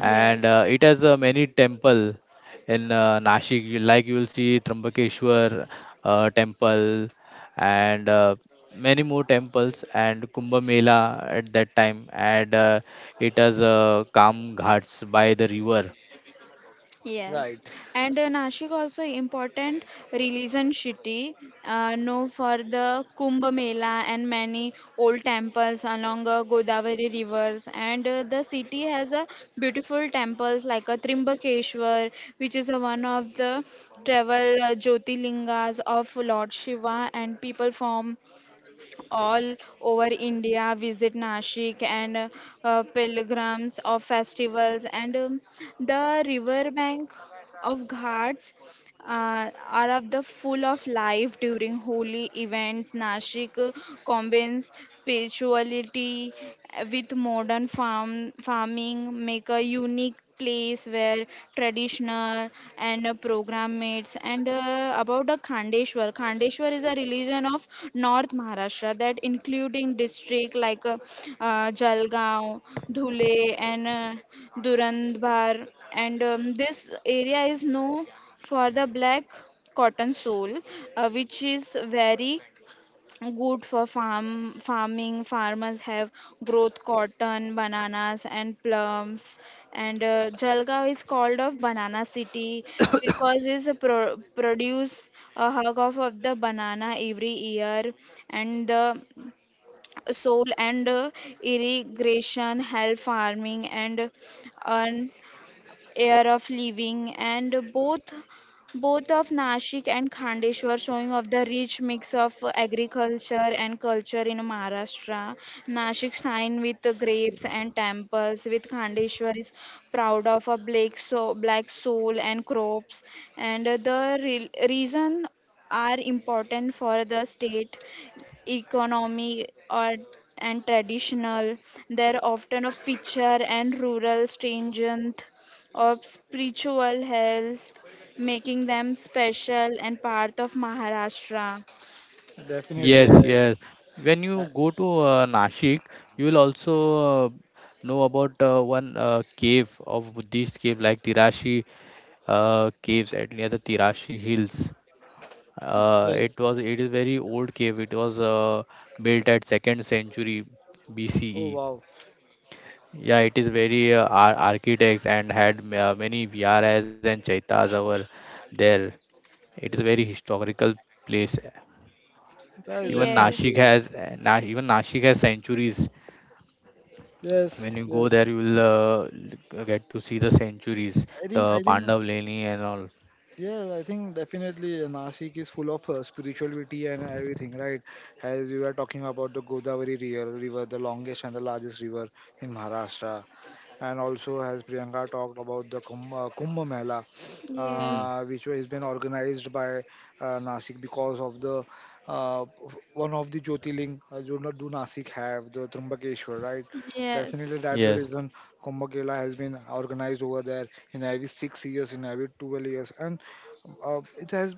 C: Yes.
B: and it has many temple in Nashik. Like you will see Trambakeshwar temple and many more temples and Kumbh Mela at that time. And it has Kam Ghats by the river.
A: right?
C: Yes. And Nashik also important religion city, known for the Kumbh Mela and many old temples along Godavari rivers. And the city has a beautiful temples like a Trimbakeshwar, which is one of the travel Jyotirlingas of Lord Shiva, and people from all over India visit Nashik and pilgrims of festivals and the river bank of Ghats are of the full of life during holy events. Nashik combines spirituality with modern farming, make a unique place where traditional and program mates and about the Khandeshwar is a religion of north Maharashtra that including district like Jalgaon, Dhule, and Durandbar, and this area is no for the black cotton soul, which is very good for farming. Farmers have growth cotton, bananas, and plums. And Jalgaon is called of banana city because it's a produce a hug of the banana every year, and the soil and irrigation help farming and earn air of living, and both of Nashik and Khandeshwar showing of the rich mix of agriculture and culture in Maharashtra. Nashik shine with the grapes and temples, with Khandeshwar is proud of a black soul and crops, and the reason are important for the state economy or and traditional. They're often a feature and rural stringent of spiritual health, making them special and part of Maharashtra.
A: Definitely,
B: Yes,
A: yes,
B: yes. When
A: uh,
B: you go to Nashik, you will also know about one cave of Buddhist cave like Tirashi caves at near the Tirashi hills.
A: yes.
B: It is very old cave. It was built at second century
A: Oh
B: BCE.
A: wow,
B: Yeah, it is very architects and had many viharas and chaitas over there. It is a very historical place.
A: yes,
C: Yes,
A: definitely,
B: Even Nashik has sanctuaries.
A: yes,
B: When you go
A: yes.
B: there, you will get to see the sanctuaries,
A: I think,
B: the
A: I think,
B: Pandav Leni and all.
A: yeah, I think definitely Nashik is full of spirituality and everything, right? As we were talking about the Godavari River, the longest and the largest river in Maharashtra. And also, as Priyanka talked about the Kumbh Mela,
B: Hmm.
C: yes,
A: which has been organized by Nasik because of the uh, one of the Jyotirling do Nashik have, the Trimbakeshwar, right? Definitely,
C: yes,
A: that's the
B: Yes.
A: reason Kumbh Mela has been organized over there in every 6 years, in every 12 years, and it has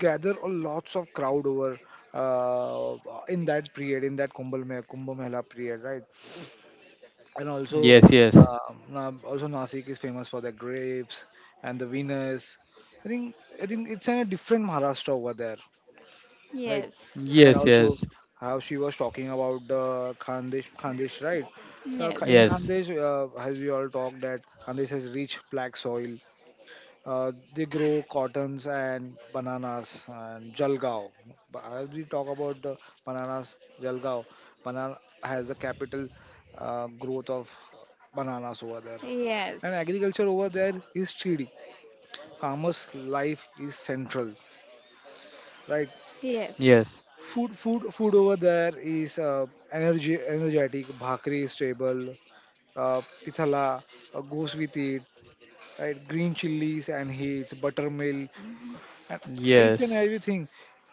A: gathered a lots of crowd over uh, in that period in that Kumbh Mela period, right? And also
B: Yes. Yes.
A: um, Na- also Nasik is famous for their grapes and the Venus. I think I think it's in a different Maharashtra over there, right?
C: yes,
A: And
B: Yes.
A: also
B: Yes.
A: how she was talking about the Khandesh, right? In
C: yes,
B: Yes.
A: Khandesh as we all talked that Khandesh has rich black soil. They grow cottons and bananas and Jalgaon. As we talk about the bananas, Jalgaon, banana has a capital growth of bananas over there.
C: yes,
A: And agriculture over there is steady. Farmers' life is central, right?
C: yes, yes,
B: Yes.
A: Food over there is energetic. Bhakri is stable. Pithala goes with it, right? Green chilies and heats, buttermilk and each
B: Yes.
A: and everything.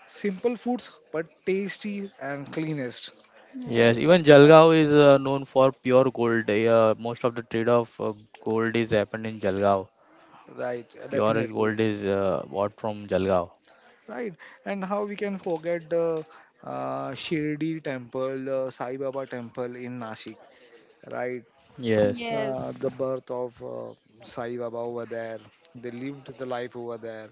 A: Simple foods, but tasty and cleanest.
C: yes,
B: Yes, even Jalgaon is known for pure gold. Most of the trade of gold is happened in Jalgaon.
A: Right,
B: Pure
A: definitely.
B: gold is bought from Jalgaon.
A: Right, and how we can forget the Shirdi temple, the Sai Baba temple in Nashik. Right,
B: Yes,
A: the birth of Sai Baba over there. They lived the life over there.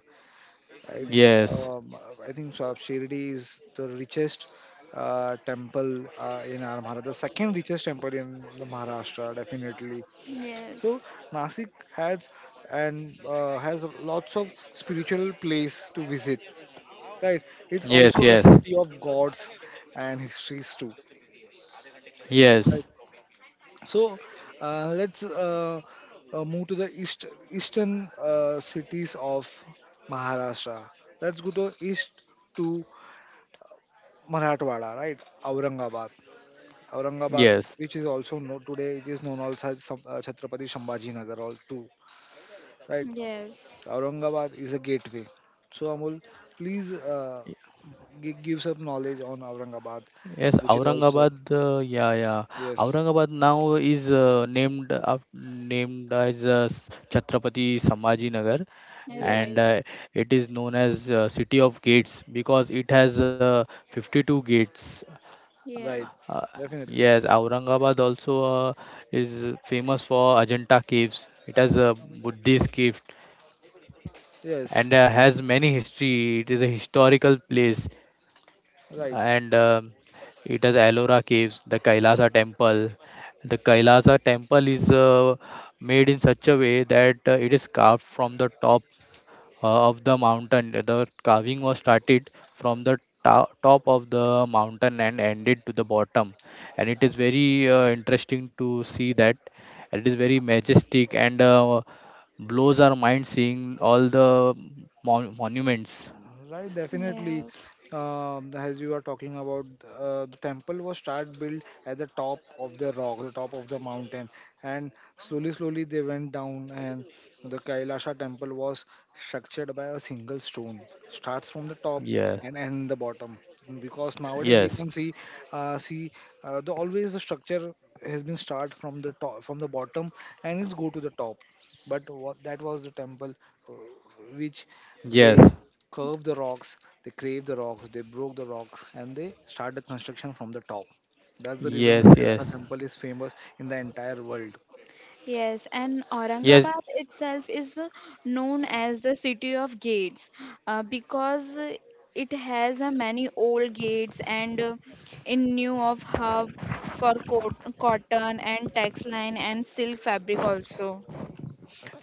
A: Right,
B: yes,
A: um, I think Shirdi is the richest temple in our Maharashtra, the second richest temple in the Maharashtra, definitely.
C: yes,
A: So Nasik has and has lots of spiritual place to visit, right? It's
B: yes,
A: also a
B: yes,
A: city of gods and histories too, right?
B: yes,
A: So let's move to the eastern cities of Maharashtra. Let's go to east to Marathwada, right? Aurangabad. Aurangabad,
B: yes,
A: which is also known today, it is known also as Chhatrapati Sambhaji Nagar, all too, right?
C: yes,
A: Aurangabad is a gateway. So Amol, please give some knowledge on Aurangabad,
B: yes.
A: which is also
B: Aurangabad, yeah, yeah.
A: yes,
B: Aurangabad now is named as Chhatrapati Sambhaji Nagar,
A: yes,
B: and
C: right,
B: it is known as City of Gates because it has 52 gates.
C: yes,
A: right,
B: Uh,
A: definitely,
B: yes, Aurangabad also uh, is famous for Ajanta caves. It has a Buddhist cave
A: yes,
B: and has many history. It is a historical place,
A: right.
B: and it has Ellora caves, the Kailasa temple. The Kailasa temple is made in such a way that it is carved from the top of the mountain. The carving was started from the top of the mountain and ended to the bottom. And it is very interesting to see that. It is very majestic and blows our mind seeing all the monuments.
A: Right, definitely.
C: yes,
A: As you are talking about, the temple was start built at the top of the rock, the top of the mountain, and slowly, slowly they went down, and the Kailasha temple was structured by a single stone. Starts from the top
B: Yeah.
A: and end the bottom. Because nowadays we
B: Yes.
A: can see, uh, see, the always the structure has been start from the top, from the bottom, and it's go to the top. But what that was the temple, uh, which they
B: Yes.
A: curved the rocks, they craved the rocks, they broke the rocks, and they started construction from the top. That's the reason
B: Yes.
A: the
C: yes.
B: Yes.
A: Kailasa temple is famous in the entire world.
C: Yes, and
B: Yes.
C: Aurangabad itself is known as the city of gates because it has many old gates and in new of hub for co cotton and textile and silk fabric also.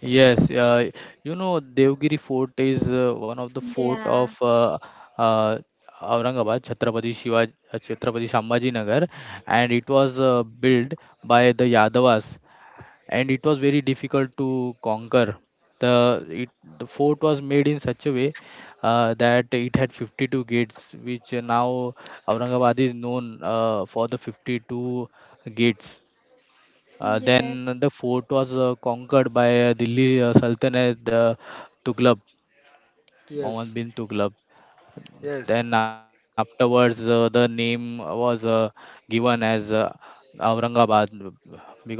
B: Yes, uh, you know Devgiri Fort is one of the fort of
C: Yeah.
B: uh, Aurangabad, Chhatrapati Shivaji, Chhatrapati Sambhaji Nagar, and it was built by the Yadavas, and it was very difficult to conquer. The it, the fort was made in such a way that it had 52 gates, which now Aurangabad is known for the 52 gates.
C: Yes.
B: Then the fort was conquered by Delhi Sultanate, Tughlaq, Muhammad
A: Yes,
B: bin Tughlaq.
A: yes,
B: Then afterwards, the name was given as Aurangabad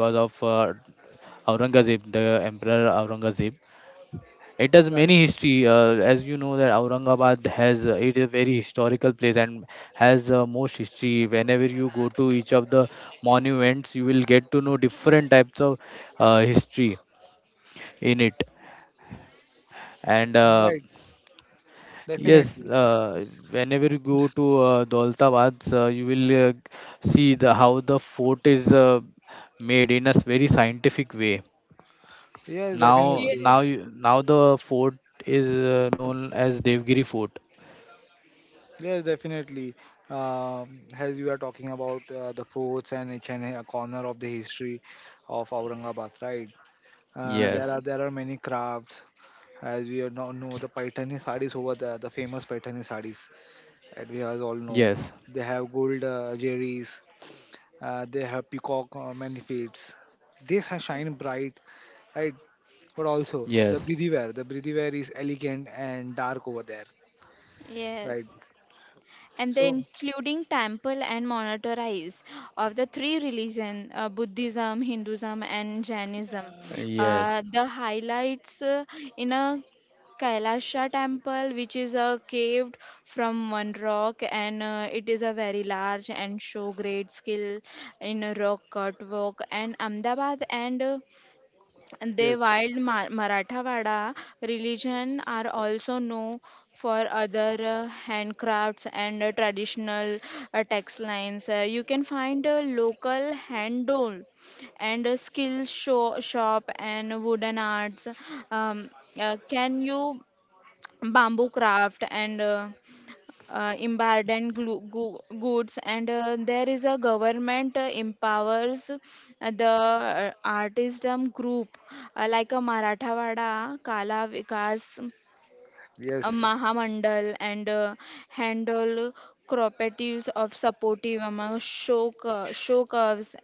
B: because of Aurangzeb, the Emperor Aurangzeb. It does
A: right,
B: many history, as you know, that Aurangabad has, it is a very historical place, and has most history. Whenever you go to each of the monuments, you will get to know different types of history in it. And
A: right,
B: yes
A: definitely.
B: Whenever you go to Daulatabad, you will see the how the fort is made in a very scientific way.
A: Yes,
B: now now
A: definitely.
C: Yes.
B: you, now the fort is known as Devgiri Fort.
A: Yes, definitely. As you are talking about the forts and each and a corner of the history of Aurangabad, right?
B: Yes
C: Yes.
A: There are many crafts. As we are now know, the Paithani sarees over there, the famous Paithani sarees. That we all know.
B: Yes,
A: They have gold jerrys, they have peacock manifests. They shine bright, right? But also
B: yes,
A: the breathy wear is elegant and dark over there, right?
C: Yes. And the
A: So
C: including temple and monetize of the three religion, Buddhism, Hinduism, and Jainism,
B: yes,
C: the highlights in a Kailasha temple, which is caved from one rock, and it is a very large and show great skill in a rock cut work. And Ahmedabad and the
A: yes,
C: wild Marathawada religion are also known for other handcrafts and traditional textiles. You can find a local hand doll and a skill shop and wooden arts. Um, can you bamboo craft and embargoed goods, and there is a government empowers the artism group like a Marathawada, Kala Vikas, a
A: yes.
C: Mahamandal and handle cooperatives of supportive among show, show curves,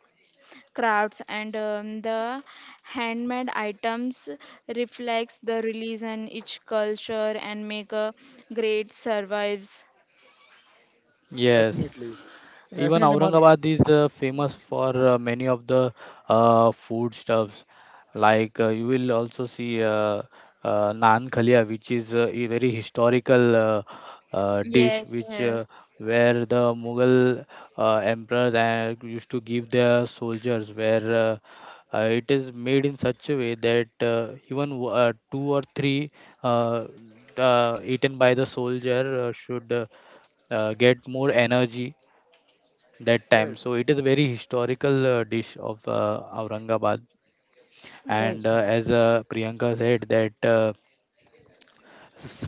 C: crafts, and the handmade items reflects the religion each culture and make a great survives.
B: yes.
A: Definitely.
B: Even
A: Definitely, Mar.
B: Aurangabad is famous for many of the food stuffs. Like, you will also see, naan khalia, which is a very historical, dish,
C: Yes,
B: which
C: yes.
B: where the Mughal emperors used to give their soldiers, where, it is made in such a way that, even w- two or three, uh, eaten by the soldier, should, get more energy that time.
A: Yes.
B: So it is a very historical dish of Aurangabad. And
C: Yes.
A: Yes.
B: as Priyanka said, that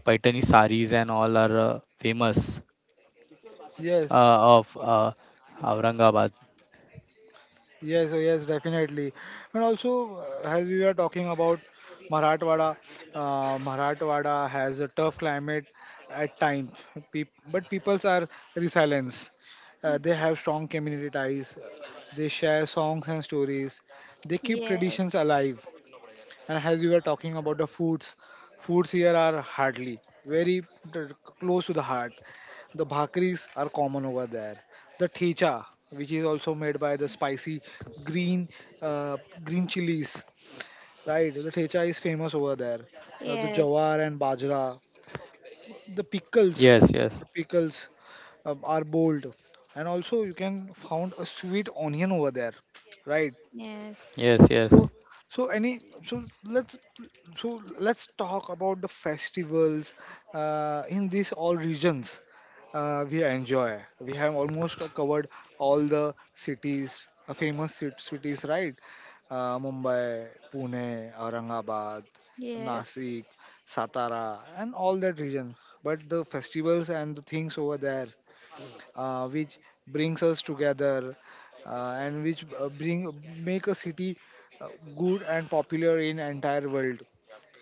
B: Paitani saris and all are famous
A: Yes.
B: of Aurangabad.
A: Yes, so yes, definitely. And also, as we were talking about Marathwada, Marathwada has a tough climate at times, but peoples are resilient. They have strong community ties. They share songs and stories. They keep traditions
C: Yes,
A: alive. And as we were talking about the foods, foods here are hardly very t- close to the heart. The bhakris are common over there. The thecha, which is also made by the spicy green uh, green chilies, right? The thecha is famous over there. The
C: yes,
A: jawar and bajra, the pickles,
B: Yes, yes,
A: the pickles are bold, and also you can found a sweet onion over there, right?
C: yes,
B: yes, yes,
A: So, so any, so let's, so let's talk about the festivals in these all regions we enjoy. We have almost covered all the cities, uh, famous cities, right? Mumbai, Pune, Aurangabad,
C: yes,
A: Nasik, Satara, and all that region. But the festivals and the things over there which brings us together and which bring make a city uh, good and popular in entire world,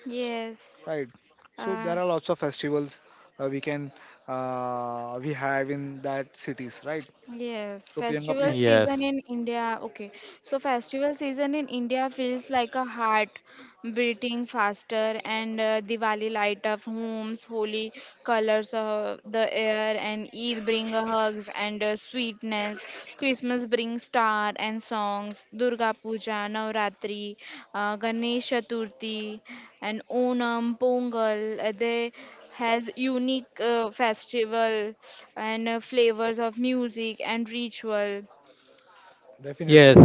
C: yes.
A: right? So
C: Uh,
A: there are lots of festivals uh, we can we have in that cities, right?
C: yes,
A: So Priyanka,
C: festival
A: please.
B: yes.
C: season in India. Okay, so festival season in India feels like a heart beating faster, and Diwali light up homes, holy colors of the air, and Eid bring hugs and sweetness, Christmas brings star and songs, Durga Puja, Navratri, Ganesh Chaturthi and Onam, Pongal, they has unique festival and flavors of music and ritual.
A: Definitely.
B: Yes,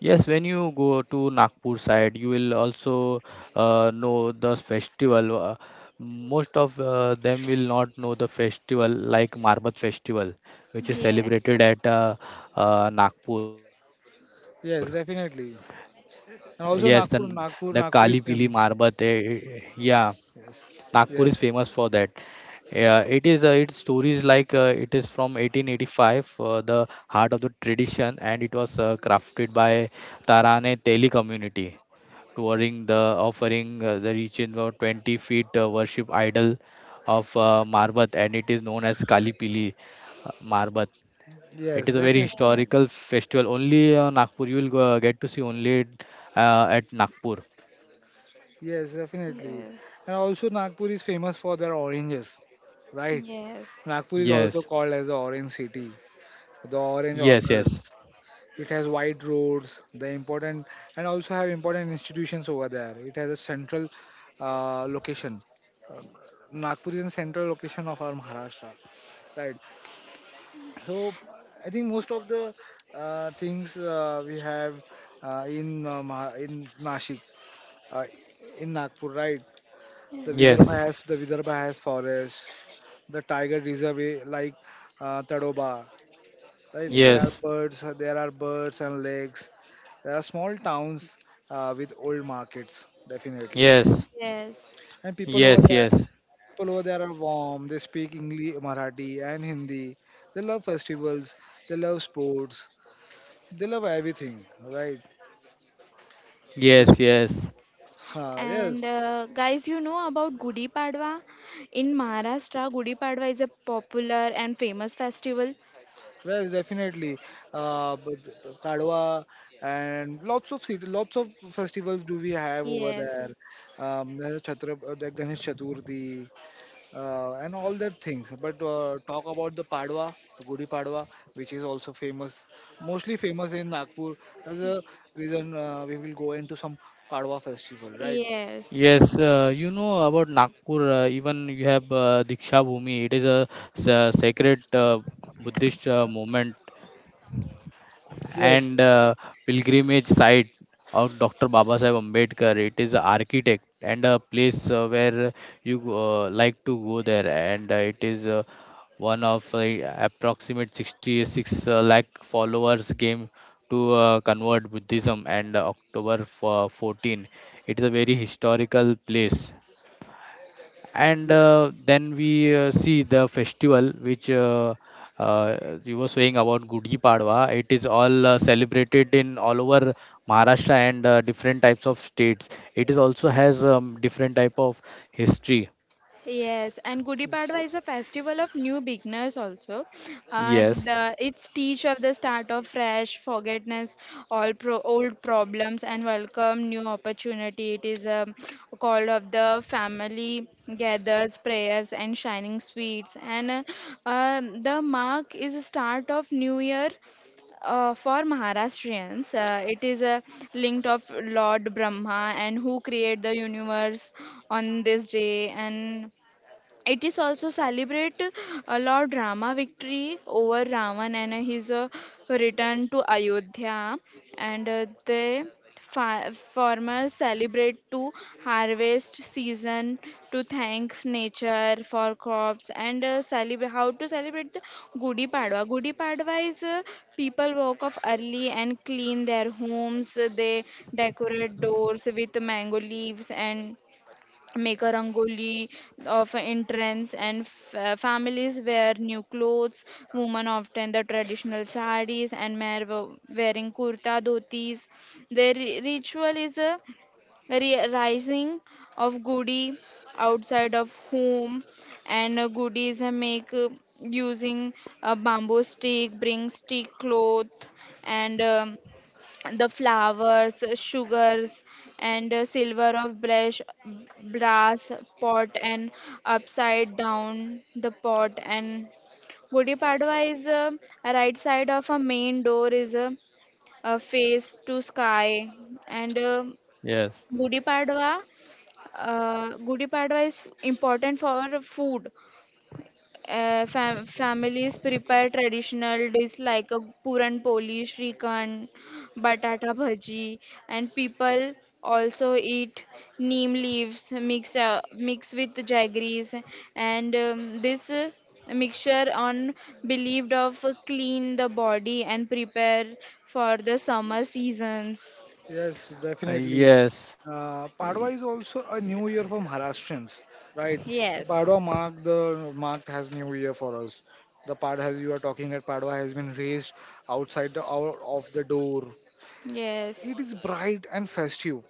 B: yes. When you go to Nagpur side, you will also know the festival. Most of them will not know the festival like Marbat festival, which is
C: Yeah,
B: celebrated at Nagpur.
A: Yes, definitely.
B: Yes, then
A: And
B: the
A: also,
B: Kali
A: nagpur
B: Pili
A: nagpur
B: Marbat.
A: nagpur is famous.
B: Yeah, Nagpur
A: Yes,
B: is famous for that.
A: yes,
B: Yeah, it is. Its stories like, it is from 1885, the heart of the tradition, and it was crafted by Tarane Teli community, touring the offering, the region of 20 feet worship idol of Marbat, and it is known as Kalipili Marbat. It
A: yes,
B: is a very
A: definitely.
C: yes,
B: historical festival. Only Nagpur you will go, get to see only at Nagpur.
A: Yes, definitely.
C: yes,
A: And also, Nagpur is famous for their oranges, right?
C: yes,
A: Nagpur is also
B: Yes,
A: called as the Orange City, the Orange
B: yes, yes,
A: Orchards. It has wide roads, the important, and also have important institutions over there. It has a central location. Nagpur is a central location of our Maharashtra, right? So I think most of the things we have in in Nashik, uh, in Nagpur, right?
C: yes,
B: yes.
A: The Vidarbha has forest, the tiger reserve eh, like Tadoba, right?
C: yes.
B: Yes,
A: There are birds and lakes. There are small towns with old markets, definitely.
B: yes,
C: Yes.
A: And
B: yes, yes,
A: people over there are warm. They speak English, Marathi, and Hindi. They love festivals. They love sports. They love everything, right? This,
B: yes, yes,
A: yes,
C: And guys, you know about Gudi Padwa? In Maharashtra, Gudi Padwa is a popular and famous festival.
A: yes, definitely. Uh, but but Kadwa and lots of city, lots of festivals do we have over there?
C: Yes.
A: There's Chhatra, the Ganesh Chaturthi, and all that things. But talk about the Padwa, Gudi Padwa, which is also famous, mostly famous in Nagpur. That's the reason we will go into some Padwa festival, right?
C: Yes.
B: yes. You know about Nagpur, even you have Diksha Bhumi. It is a, sacred Buddhist movement and
A: Yes,
B: pilgrimage site of Dr. Babasaheb Ambedkar. It is an architect and a place where you like to go there, and it is one of approximate 66 lakh followers came to convert Buddhism, and October 14. It is a very historical place, and
A: yes,
B: then we see the festival which, uh, you were saying about Gudi Padwa. It is all celebrated in all over Maharashtra and different types of states. It is also has different type of history.
C: Yes, and Gudi Padwa is a festival of new beginners also.
B: Yes,
C: It's teach of the start of fresh, forgetness, old problems, and welcome new opportunity. It is a call of the family gathers prayers and shining sweets, and the mark is a start of new year. For Maharashtrians, it is a linked of Lord Brahma and who create the universe on this day, and it is also celebrate Lord Rama victory over Ravan and his return to Ayodhya, and they farmers celebrate to harvest season to thank nature for crops and celebrate how to celebrate the Gudi Padwa. Gudi Padwa is people woke up early and clean their homes, they decorate doors with mango leaves and make a rangoli of entrance, and families wear new clothes, women often the traditional sarees and men wearing kurta dhotis, their ritual is a rising of gudi outside of home, and goodies are make using a bamboo stick bring stick cloth, and the flowers, sugars, and silver of brass pot and upside down the pot. And Gudi Padwa is right side of a main door is a face to sky. And
B: yes,
C: Gudi Padwa, Gudi Padwa is important for food, families prepare traditional dishes like a puran poli, shrikhand, batata bhaji, and people also eat neem leaves mixed with jaggeries, and this mixture on believed of clean the body and prepare for the summer seasons.
A: yes, definitely.
B: yes, y-
A: Padwa is also a new year for Maharashtrians, right?
C: Yes,
A: Padwa mark the marked has new year for us. The Pad, as you are talking that Padwa has been raised outside the out of the door.
C: yes,
A: It is bright and festive.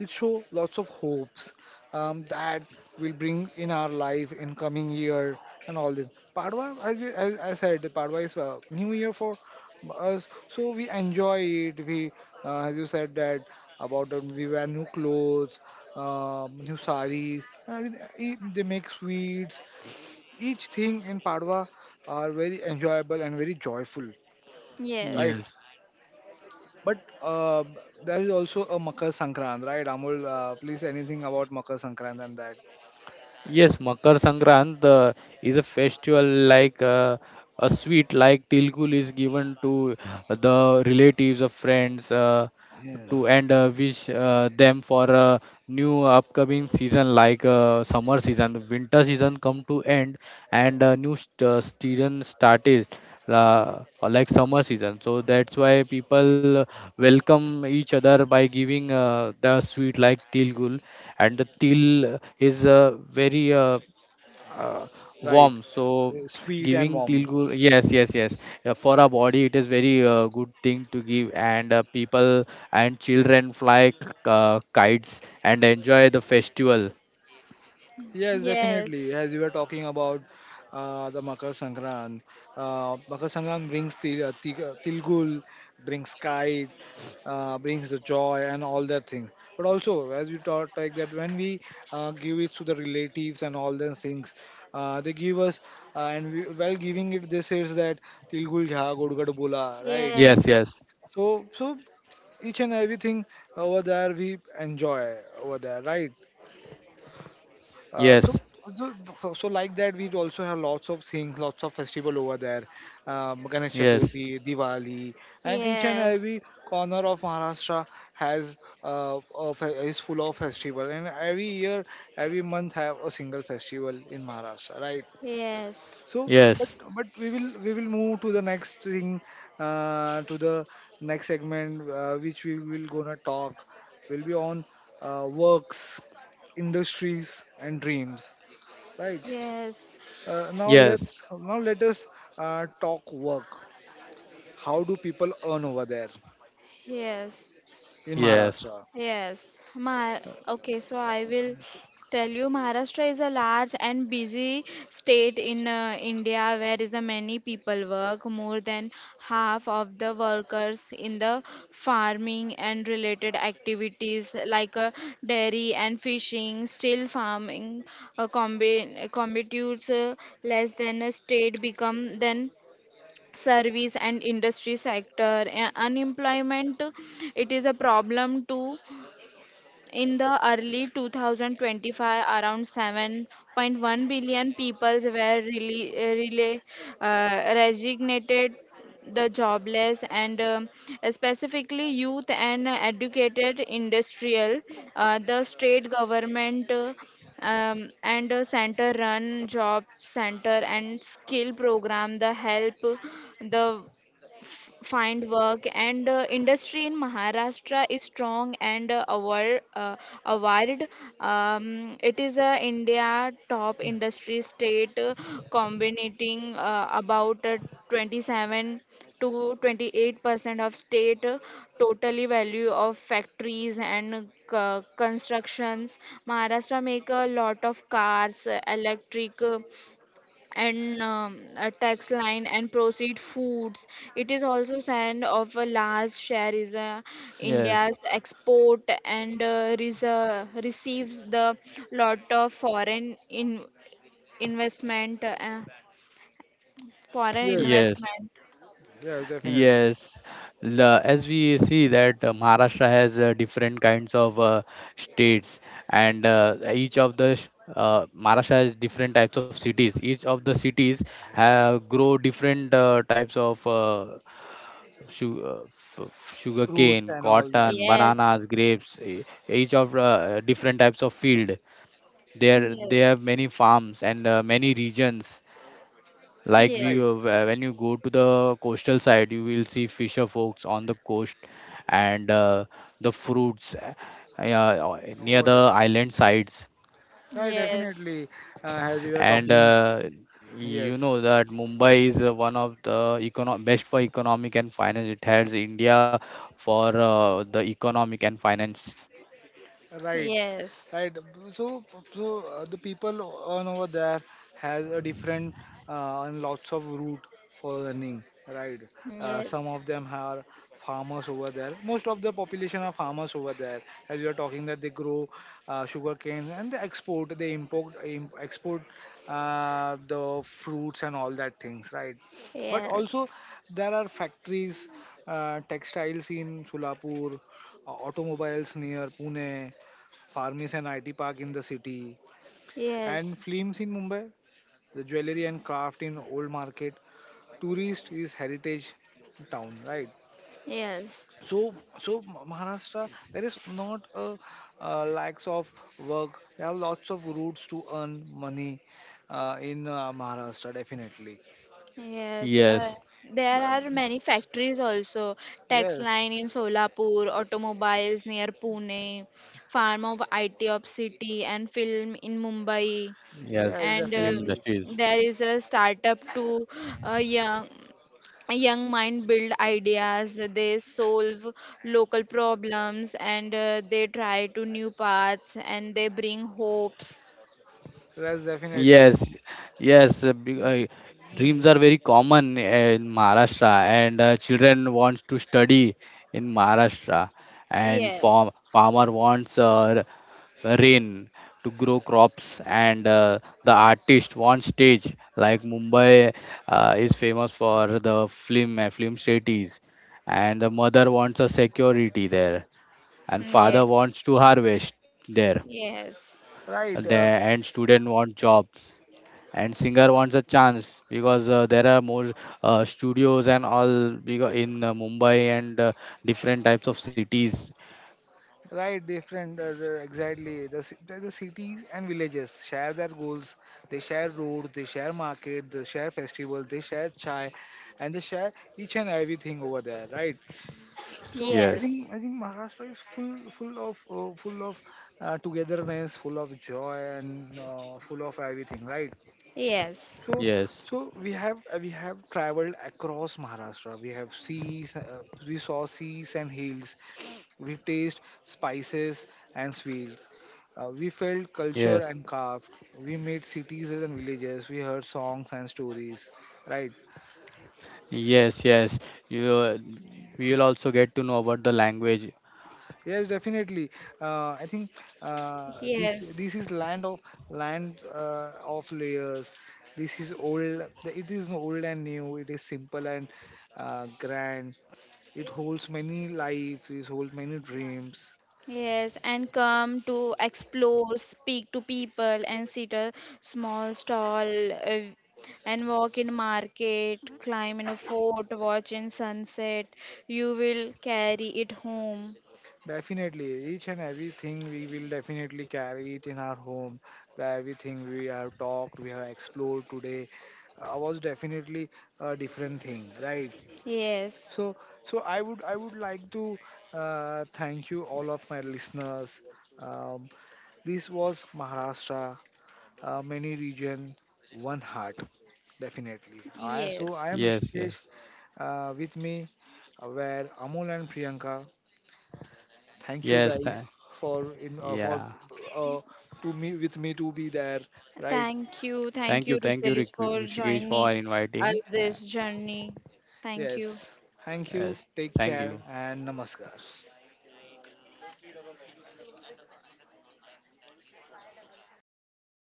A: It shows lots of hopes that will bring in our life in coming year and all this. Padwa, as we, as I said, Padwa is new year for us, so we enjoy it. We, as you said that about that, we wear new clothes, new saris. And they make sweets. Each thing in Padwa are very enjoyable and very joyful, right?
C: yes,
B: yes,
A: But there is also a Makar Sankrant, right? Amul, please anything about Makar Sankrant and that,
B: yes. Makar Sankrant is a festival like. A sweet like tilgul is given to the relatives of friends,
A: yeah.
B: to and wish them for a new upcoming season. Like, summer season, winter season come to end and season started, like summer season. So that's why people welcome each other by giving the sweet like tilgul, and the til is very uh,
A: Right?
B: warm, so
A: Sweet and
B: giving
A: warm.
B: tilgur. Yes, yes, yes. For our body it is very good thing to give, and people and children fly kites and enjoy the festival.
A: Yes, definitely.
C: yes,
A: As you were talking about the Makar Sankran, Makar Sankran brings til, Tilgul, brings kite, brings the joy and all that thing. But also, as you talk like that, when we give it to the relatives and all those things, they give us, and we, while giving it, they says that Tilgul gha godgad bola, right?
B: Yes,
C: yes,
B: yes,
A: So, so each and everything over there we enjoy over there, right? Uh,
B: yes,
A: so, so, so like that, we also have lots of things, lots of festival over there. Ganesh
B: yes,
A: Chaturthi, Diwali, and each and
C: yes,
A: every corner of Maharashtra has is full of festival. And every year, every month have a single festival in Maharashtra, right?
C: yes.
A: So, but
B: yes,
A: but we will move to the next thing, to the next segment, which we will gonna talk will be on works, industries, and dreams, right?
C: Yes,
A: uh, now
B: yes,
A: let's now let us uh, talk work, how do people earn over there
C: yes,
A: in
B: yes,
A: Maharashtra?
C: yes. Mar Okay, so I will tell you Maharashtra is a large and busy state in India where is a many people work. More than half of the workers in the farming and related activities like dairy and fishing, still farming constitutes less than a state become than service and industry sector, unemployment it is a problem too. In the early 2025 around 7.1 billion people were really, really resignated the jobless, and specifically youth and educated industrial, the state government and a center run job center and skill program the help the find work, and industry in Maharashtra is strong and award. It is a India top industry state, combining about 27 to 28% of state totally value of factories and constructions. Maharashtra make a lot of cars, electric and a tax line and proceed foods. It is also sign of a large share is
B: yes,
C: India's export and receives the lot of foreign investment. Foreign
A: Yes,
B: yes.
C: investment.
A: yes, definitely.
B: Yes, as we see that Maharashtra has different kinds of states, and each of the sh- Maharashtra has different types of cities. Each of the cities have grow different types of, sugar
A: Fruits
B: cane,
A: and all that,
B: cotton,
C: Yes.
B: bananas, grapes. Each of different types of field. There, they have
C: Yes.
B: many farms and many regions, like
A: right,
C: Yes.
A: right,
B: when you go to the coastal side, you will see fisher folks on the coast and the fruits, near
A: over there,
B: the island sides.
A: right,
C: Yes.
A: definitely. As we were
B: And
A: talking,
B: you
A: yes.
B: know that Mumbai is one of the best for economic and finance. It has India for the economic and finance.
A: Right,
C: Yes.
A: right. So, so the people on over there has a different and lots of route for earning. Right. Some
C: Yes.
A: of them are farmers over there. Most of the population are farmers over there. As you are talking that they grow sugar canes, and they export, they import, export the fruits and all that things. Right. But
C: Yes.
A: also there are factories, textiles in Solapur, automobiles near Pune, Farmis and IT Park in the city,
C: Yes.
A: and films in Mumbai, the jewelry and craft in Old Market. Tourist is heritage town, right?
C: Yes.
A: So Maharashtra, there is not a, uh, lacks of work. There are lots of routes to earn money in Maharashtra, definitely.
C: Yes,
B: Yes,
C: there
A: Um,
C: are many factories also.
A: yes.
C: Textile in Solapur, automobiles near Pune, farm of IT of city, and film in Mumbai.
B: yes,
A: Yes,
C: And
B: film
A: definitely.
B: industries.
C: there is a startup to uh, young young mind build ideas. They solve local problems, and they try to new paths and they bring hopes.
A: Yes, definitely.
B: Yes, yes. Dreams are very common in Maharashtra, and children wants to study in Maharashtra, and
C: Yes,
B: farmer wants rain to grow crops, and the artist wants stage. Like Mumbai is famous for the film cities, and the mother wants a security there, and
C: mm,
A: Uh,
C: yeah,
B: father wants to harvest there,
C: yes,
A: right,
B: and student want job and singer wants a chance, because there are more studios and all in Mumbai and different types of cities.
A: right. Different, exactly. The ci- the cities and villages share their goals. They share roads, they share market, they share festivals, they share chai, and they share each and everything over there. Right. So I
B: Yes,
C: yes,
A: think I think Maharashtra is full of togetherness, full of joy, and full of everything. Right.
C: yes.
A: So,
B: yes,
A: so we have traveled across Maharashtra. We saw seas and hills. We taste spices and sweets. We felt culture
B: yes,
A: and craft. We made cities and villages. We heard songs and stories. Right?
B: yes, yes. You we will also get to know about the language.
A: Yes, definitely. I think uh, this
C: Yes.
A: this is land of layers. This is old. It is old and new. It is simple and grand. It holds many lives, it holds many dreams.
C: Yes, and come to explore, speak to people, and sit a small stall and walk in market, climb in a fort, watch in sunset. You will carry it home.
A: Definitely, each and everything we will definitely carry it in our home. The everything we have talked, we have explored today, was definitely a different thing, right?
C: Yes.
A: So, so I would like to thank you all of my listeners. Um, this was Maharashtra, many region, one heart, definitely. I so I
C: Yes.
A: am
B: Yes, yes,
A: Rishikesh. With me where Amol and Priyanka, thank you
B: yes.
A: guys
B: Thank,
A: for
B: yeah.
A: uh, to me with me to be there, right?
C: Thank you. Thank you,
B: Thank you,
C: Rushes, for
B: Rishikesh,
C: joining
B: for
C: us
B: inviting.
C: this journey. Thank you.
A: Yes. Thank you.
B: Yes, thank
A: Take
B: you.
A: care and namaskar.